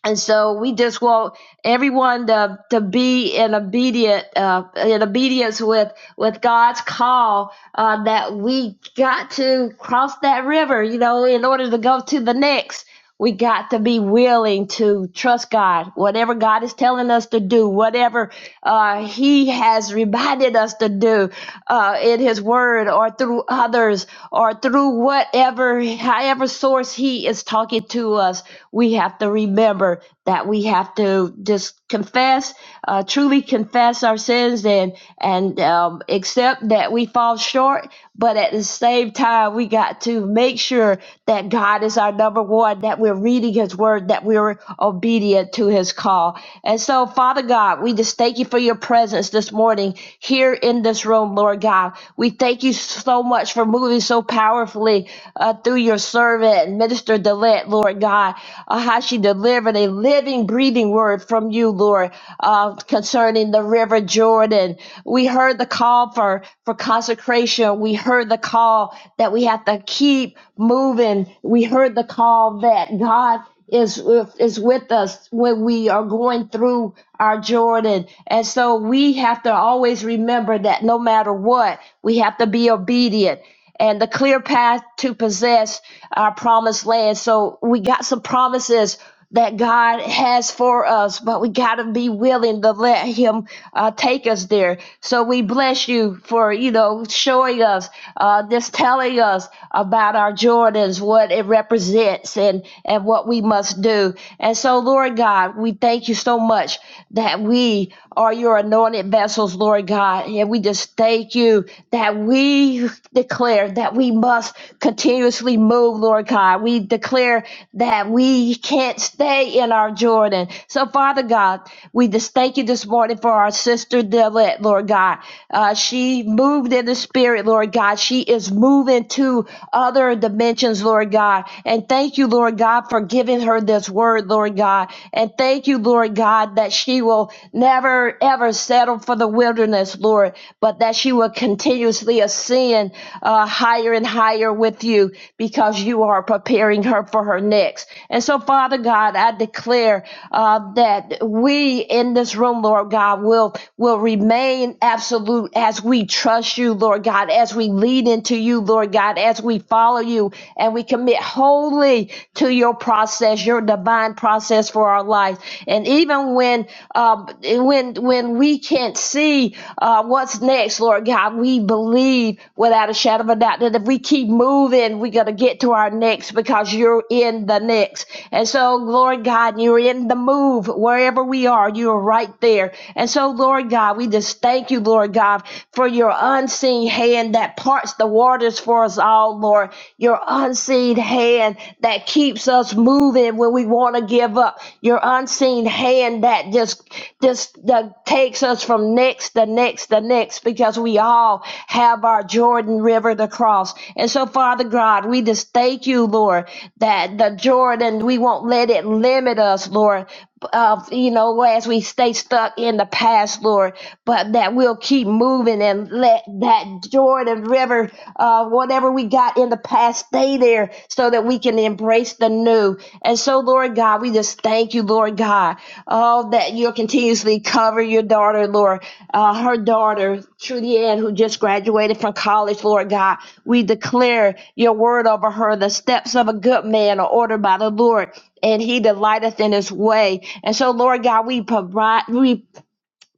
S4: And so we just want everyone to, to be in obedient uh, in obedience with with God's call uh, that we got to cross that river. You know, in order to go to the next, we got to be willing to trust God. Whatever God is telling us to do, whatever uh, He has reminded us to do uh, in His Word or through others or through whatever, however source He is talking to us. We have to remember that we have to just confess, uh, truly confess our sins and and um, accept that we fall short. But at the same time, we got to make sure that God is our number one, that we're reading His Word, that we're obedient to His call and so, Father God, we just thank you for your presence this morning here in this room, Lord God. We thank you so much for moving so powerfully uh, through your servant, Minister Dillette, Lord God, uh, how she delivered a living, breathing word from you, Lord, uh, concerning the River Jordan. We heard the call for, for consecration. We heard the call that we have to keep moving. We heard the call that God is with- is with us when we are going through our Jordan. And so we have to always remember that no matter what, we have to be obedient and the clear path to possess our promised land. So we got some promises that God has for us, but we got to be willing to let Him uh, take us there. So we bless you for, you know, showing us, uh, just telling us about our Jordans, what it represents, and, and what we must do. And so, Lord God, we thank you so much that we are your anointed vessels, Lord God. And we just thank you that we declare that we must continuously move, Lord God. We declare that we can't stay in our Jordan. So, Father God, we just thank you this morning for our sister Dillette, Lord God. Uh, she moved in the spirit, Lord God. She is moving to other dimensions, Lord God. And thank you, Lord God, for giving her this word, Lord God. And thank you, Lord God, that she will never ever settle for the wilderness, Lord. Lord, but that she will continuously ascend uh, higher and higher with you because you are preparing her for her next. And so, Father God, I declare uh, that we in this room, Lord God, will will remain absolute as we trust you, Lord God, as we lead into you, Lord God, as we follow you and we commit wholly to your process, your divine process for our life. And and even when um, when when we can't see uh, what's next, Lord God, we believe without a shadow of a doubt that if we keep moving, we're gonna get to our next because you're in the next. And so, Lord God, you're in the move wherever we are. You are right there. And so, Lord God, we just thank you, Lord God, for your unseen hand that parts the waters for us all, Lord. Your unseen hand hand that keeps us moving when we want to give up. Your unseen hand that just just that takes us from next to next to next because we all have our Jordan River to cross. And so, Father God, we just thank you, Lord, that the Jordan, we won't let it limit us, Lord, of you know as we stay stuck in the past lord but that we'll keep moving and let that jordan river uh, whatever we got in the past stay there so that we can embrace the new and so lord god we just thank you lord god oh that you'll continuously cover your daughter lord uh, her daughter trudy ann who just graduated from college lord god we declare your word over her the steps of a good man are ordered by the lord and he delighteth in his way. And so, Lord God, we provide, we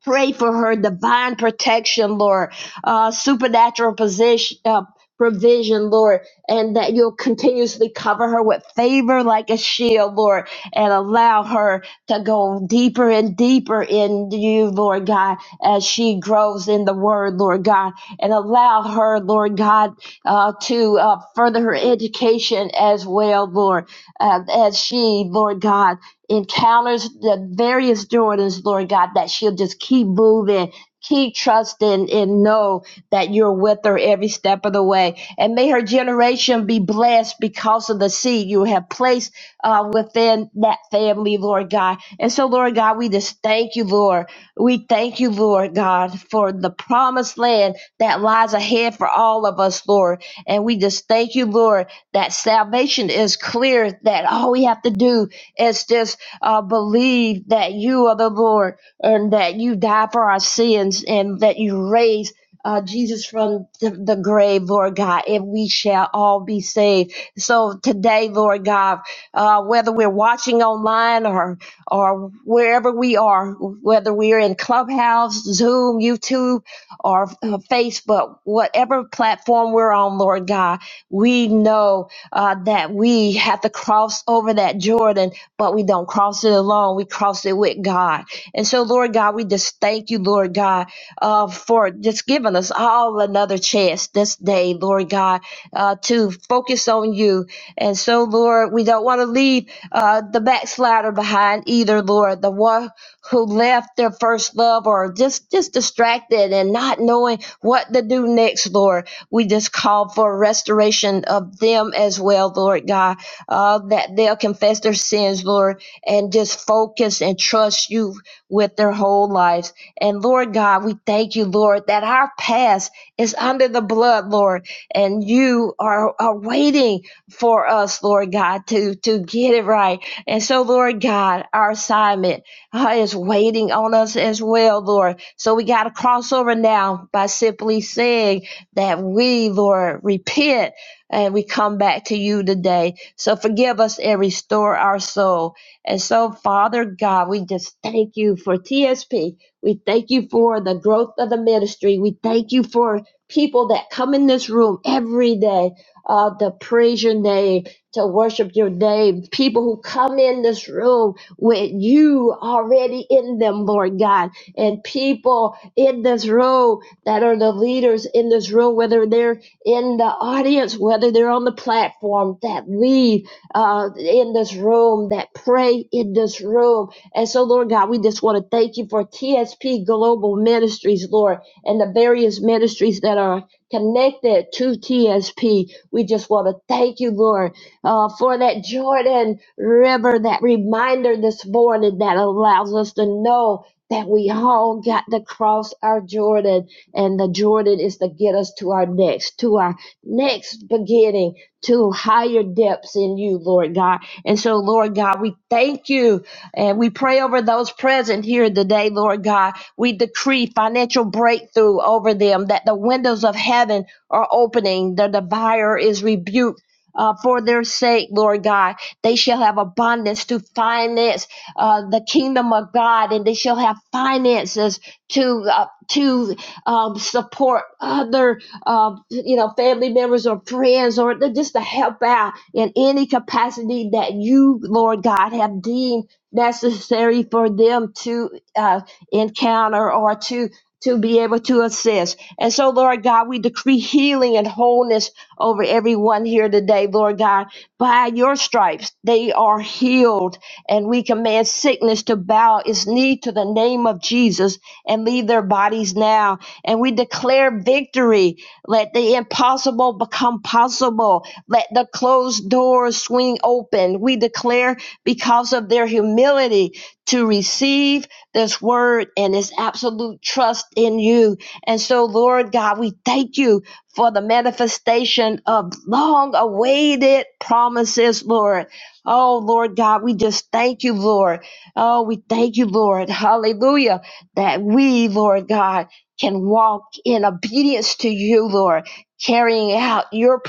S4: Pray for her divine protection, Lord, uh, supernatural position, uh, provision, Lord, and that you'll continuously cover her with favor like a shield, Lord, and allow her to go deeper and deeper in you, Lord God, as she grows in the word, Lord God, and allow her, Lord God, uh, to uh, further her education as well, Lord, uh, as she, Lord God encounters the various Jordans, Lord God, that she'll just keep moving, keep trusting, and know that you're with her every step of the way. And may her generation be blessed because of the seed you have placed uh, within that family, Lord God. And so, Lord God, we just thank you, Lord. We thank you, Lord God, for the promised land that lies ahead for all of us, Lord. And we just thank you, Lord, that salvation is clear, that all we have to do is just uh, believe that you are the Lord and that you died for our sins and that you raised uh, Jesus from the, the grave, Lord God, and we shall all be saved. So today, Lord God, uh, whether we're watching online or or wherever we are, whether we're in Clubhouse, Zoom, YouTube, or uh, Facebook, whatever platform we're on, Lord God, we know uh, that we have to cross over that Jordan but we don't cross it alone. We cross it with God. And so, Lord God, we just thank you, Lord God, uh, for just giving us all another chance this day, Lord God, uh, to focus on you. And so, Lord, we don't want to leave uh, the backslider behind either, Lord, the one who left their first love or just, just distracted and not knowing what to do next, Lord. We just call for restoration of them as well, Lord God uh, that they'll confess their sins, Lord, and just focus and trust you with their whole lives. And Lord God, we thank you, Lord, that our past is under the blood, Lord, and you are, are waiting for us, Lord God, to, to get it right. And so, Lord God, our assignment uh, is waiting on us as well, Lord. So we got to cross over now by simply saying that we, Lord, repent and we come back to you today. So forgive us and restore our soul. And so, Father God, we just thank you for TSP. We thank you for the growth of the ministry. We thank you for people that come in this room every day uh, to praise your name, to worship your name. People who come in this room with you already in them, Lord God. And people in this room that are the leaders in this room, whether they're in the audience, whether they're on the platform, that lead uh, in this room, that pray in this room. And so, Lord God, we just want to thank you for TSP Global Ministries, Lord, and the various ministries that are connected to TSP. We just want to thank you, Lord, uh, for that Jordan River, that reminder this morning that allows us to know that we all got to cross our Jordan and the Jordan is to get us to our next, to our next beginning, to higher depths in you, Lord God. And so, Lord God, we thank you and we pray over those present here today, Lord God. We decree financial breakthrough over them that the windows of heaven are opening, that the buyer is rebuked. Uh, for their sake, Lord God, they shall have abundance to finance uh, the kingdom of God, and they shall have finances to uh, to um, support other, um, you know, family members or friends or just to help out in any capacity that you, Lord God, have deemed necessary for them to uh, encounter or to to be able to assist. And so, Lord God, we decree healing and wholeness over everyone here today, Lord God. By your stripes, they are healed, and we command sickness to bow its knee to the name of Jesus and leave their bodies now and we declare victory. Let the impossible become possible. Let the closed doors swing open. We declare because of their humility to receive this word and its absolute trust in you. And so, Lord God, we thank you for the manifestation of long awaited promises, Lord. Oh, Lord God, we just thank you, Lord. Oh, we thank you, Lord. Hallelujah. That we, Lord God, can walk in obedience to you, Lord, carrying out your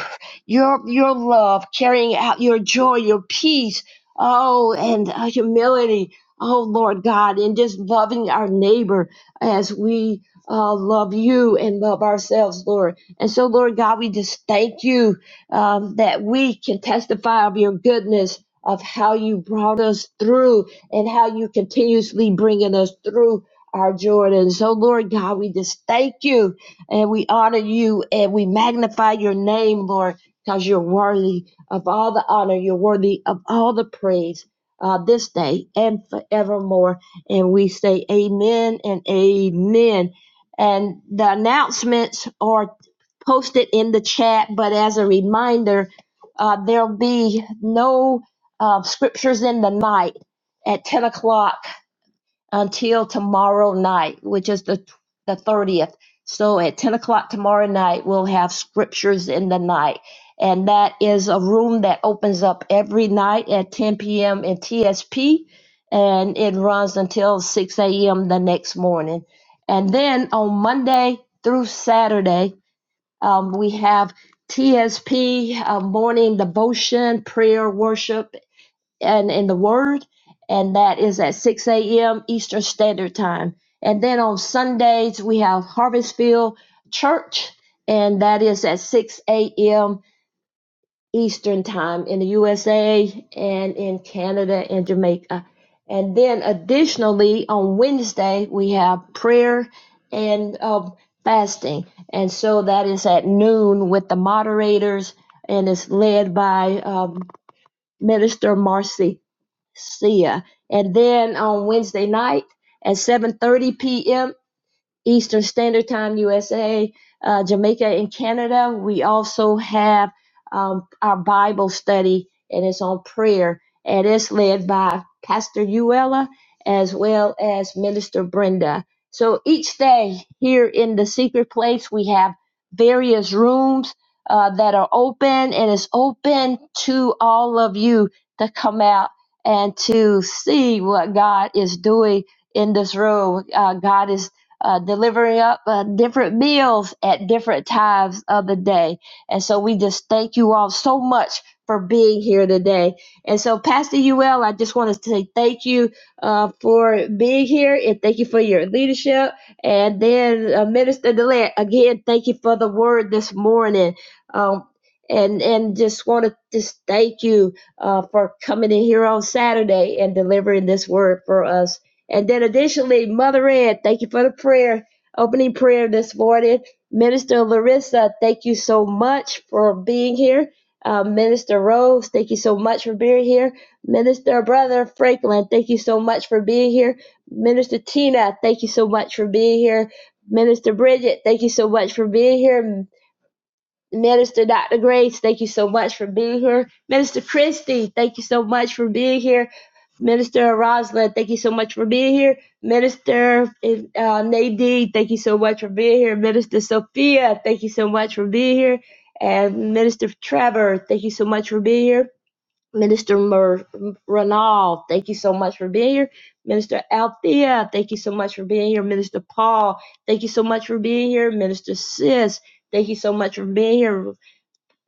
S4: your your love, carrying out your joy, your peace, oh, and uh, humility, oh Lord God, and just loving our neighbor as we uh, love you and love ourselves, Lord. And so, Lord God, we just thank you um, that we can testify of your goodness. Of how you brought us through and how you continuously bringing us through our Jordan. So, Lord God, we just thank you and we honor you and we magnify your name, Lord, because you're worthy of all the honor. You're worthy of all the praise uh, this day and forevermore. And we say amen and amen. And the announcements are posted in the chat, but as a reminder, uh, there'll be no uh, scriptures in the night at 10 o'clock until tomorrow night, which is the the thirtieth. So at ten o'clock tomorrow night, we'll have scriptures in the night, and that is a room that opens up every night at ten p.m. in TSP, and it runs until six a.m. the next morning. And then on Monday through Saturday, um, we have TSP uh, morning devotion, prayer, worship, and in the Word, and that is at 6 a.m. Eastern Standard Time. And then on Sundays, we have Harvestfield Church, and that is at 6 a.m. Eastern Time in the USA and in Canada and Jamaica. And then additionally, on Wednesday, we have prayer and um, fasting. And so that is at noon with the moderators, and it's led by um, Minister Marcy. See ya. And then on Wednesday night at 7:30 p.m. Eastern Standard Time, USA, uh, Jamaica, and Canada. We also have um, our Bible study, and it's on prayer, and it's led by Pastor Uella as well as Minister Brenda. So each day here in the secret place, we have various rooms uh, that are open, and it's open to all of you to come out and to see what God is doing in this room. Uh, God is uh, delivering up uh, different meals at different times of the day. And so we just thank you all so much for being here today. And so, Pastor UL, I just want to say thank you uh, for being here and thank you for your leadership. And then, uh, Minister Delant, again, thank you for the word this morning. Um, and and just want to just thank you uh, for coming in here on Saturday and delivering this word for us and then additionally, Mother Ann, thank you for the prayer, opening prayer this morning. Minister Larissa, thank you so much for being here. Uh, Minister Rose, thank you so much for being here. Minister Brother Franklin, thank you so much for being here. Minister Tina, thank you so much for being here. Minister Bridget, thank you so much for being here. Minister Dr. Grace, thank you so much for being here. Minister Christie, thank you so much for being here. Minister Rosalind, thank you so much for being here. Minister uh, Nadine, thank you so much for being here. Minister Sophia, thank you so much for being here. And Minister Trevor, thank you so much for being here. Minister Mer- Ronald, thank you so much for being here. Minister Althea, thank you so much for being here. Minister Paul, thank you so much for being here. Minister Sis, Thank you so much for being here.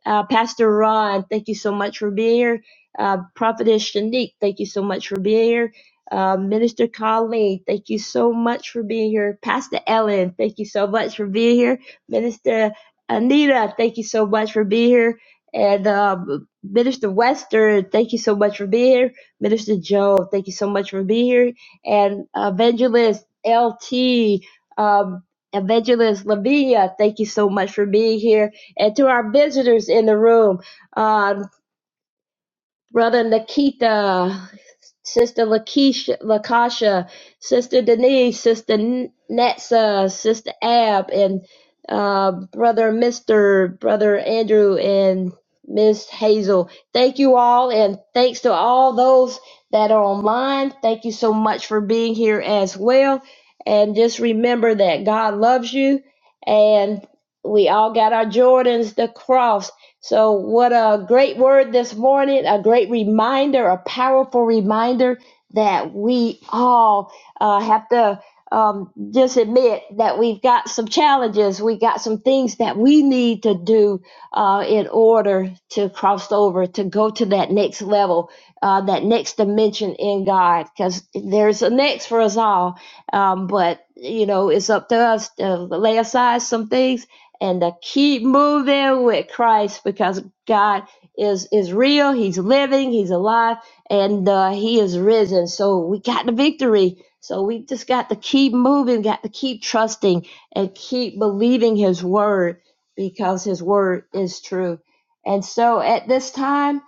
S4: Uh, Pastor Ron, thank you so much for being here. Uh, Prophetess Shanique, thank you so much for being here. Uh, Minister Colleen, thank you so much for being here. Pastor Ellen, thank you so much for being here. Minister Anita, thank you so much for being here. And um, Minister Western, thank you so much for being here. Minister Joe, thank you so much for being here. And Evangelist L.T. um, Evangelist Lavinia, thank you so much for being here and to our visitors in the room, uh, Brother Nikita, Sister Lakeisha, Lakasha, Sister Denise, Sister N- Netsa, Sister Ab, and uh, Brother Mr., Brother Andrew, and Miss Hazel. Thank you all, and thanks to all those that are online. Thank you so much for being here as well. And just remember that God loves you, and we all got our Jordans, the cross. So, what a great word this morning, a great reminder, a powerful reminder that we all uh, have to um, just admit that we've got some challenges. We got some things that we need to do uh, in order to cross over, to go to that next level, uh, that next dimension in God, because there's a next for us all. Um, but, you know, it's up to us to lay aside some things and to keep moving with Christ because God is is real. He's living. He's alive, and uh, He is risen. So we got the victory. So we just got to keep moving. Got to keep trusting and keep believing His word because His word is true. And so at this time,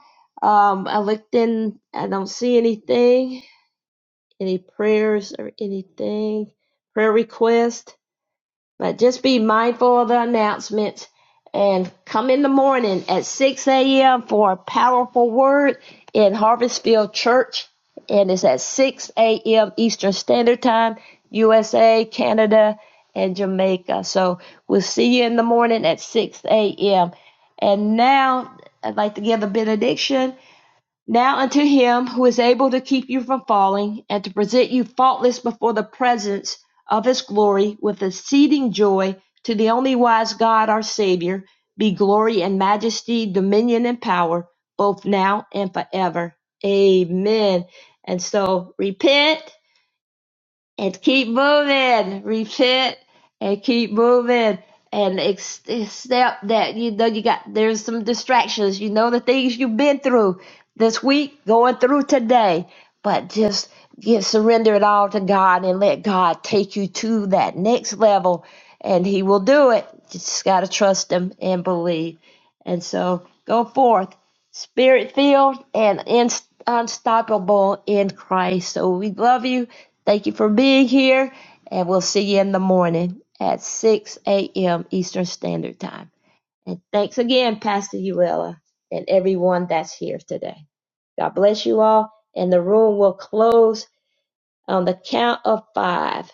S4: um, I looked in. I don't see anything, any prayers or anything, prayer request. But just be mindful of the announcements and come in the morning at 6 a.m. for a powerful word in Harvestfield Church. And it's at 6 a.m. Eastern Standard Time, USA, Canada, and Jamaica. So we'll see you in the morning at 6 a.m. And now I'd like to give a benediction now unto him who is able to keep you from falling, and to present you faultless before the presence of his glory with exceeding joy, to the only wise God our Savior, be glory and majesty, dominion and power, both now and forever. Amen. And so repent and keep moving. Repent and keep moving and accept that you know you got there's some distractions. You know the things you've been through this week, going through today, but just give surrender it all to God and let God take you to that next level, and He will do it. You just gotta trust Him and believe, and so go forth spirit-filled and inst- unstoppable in Christ. So we love you. Thank you for being here, and we'll see you in the morning at 6 a.m. Eastern Standard Time. And thanks again, Pastor Uella, and everyone that's here today. God bless you all, and the room will close on the count of five.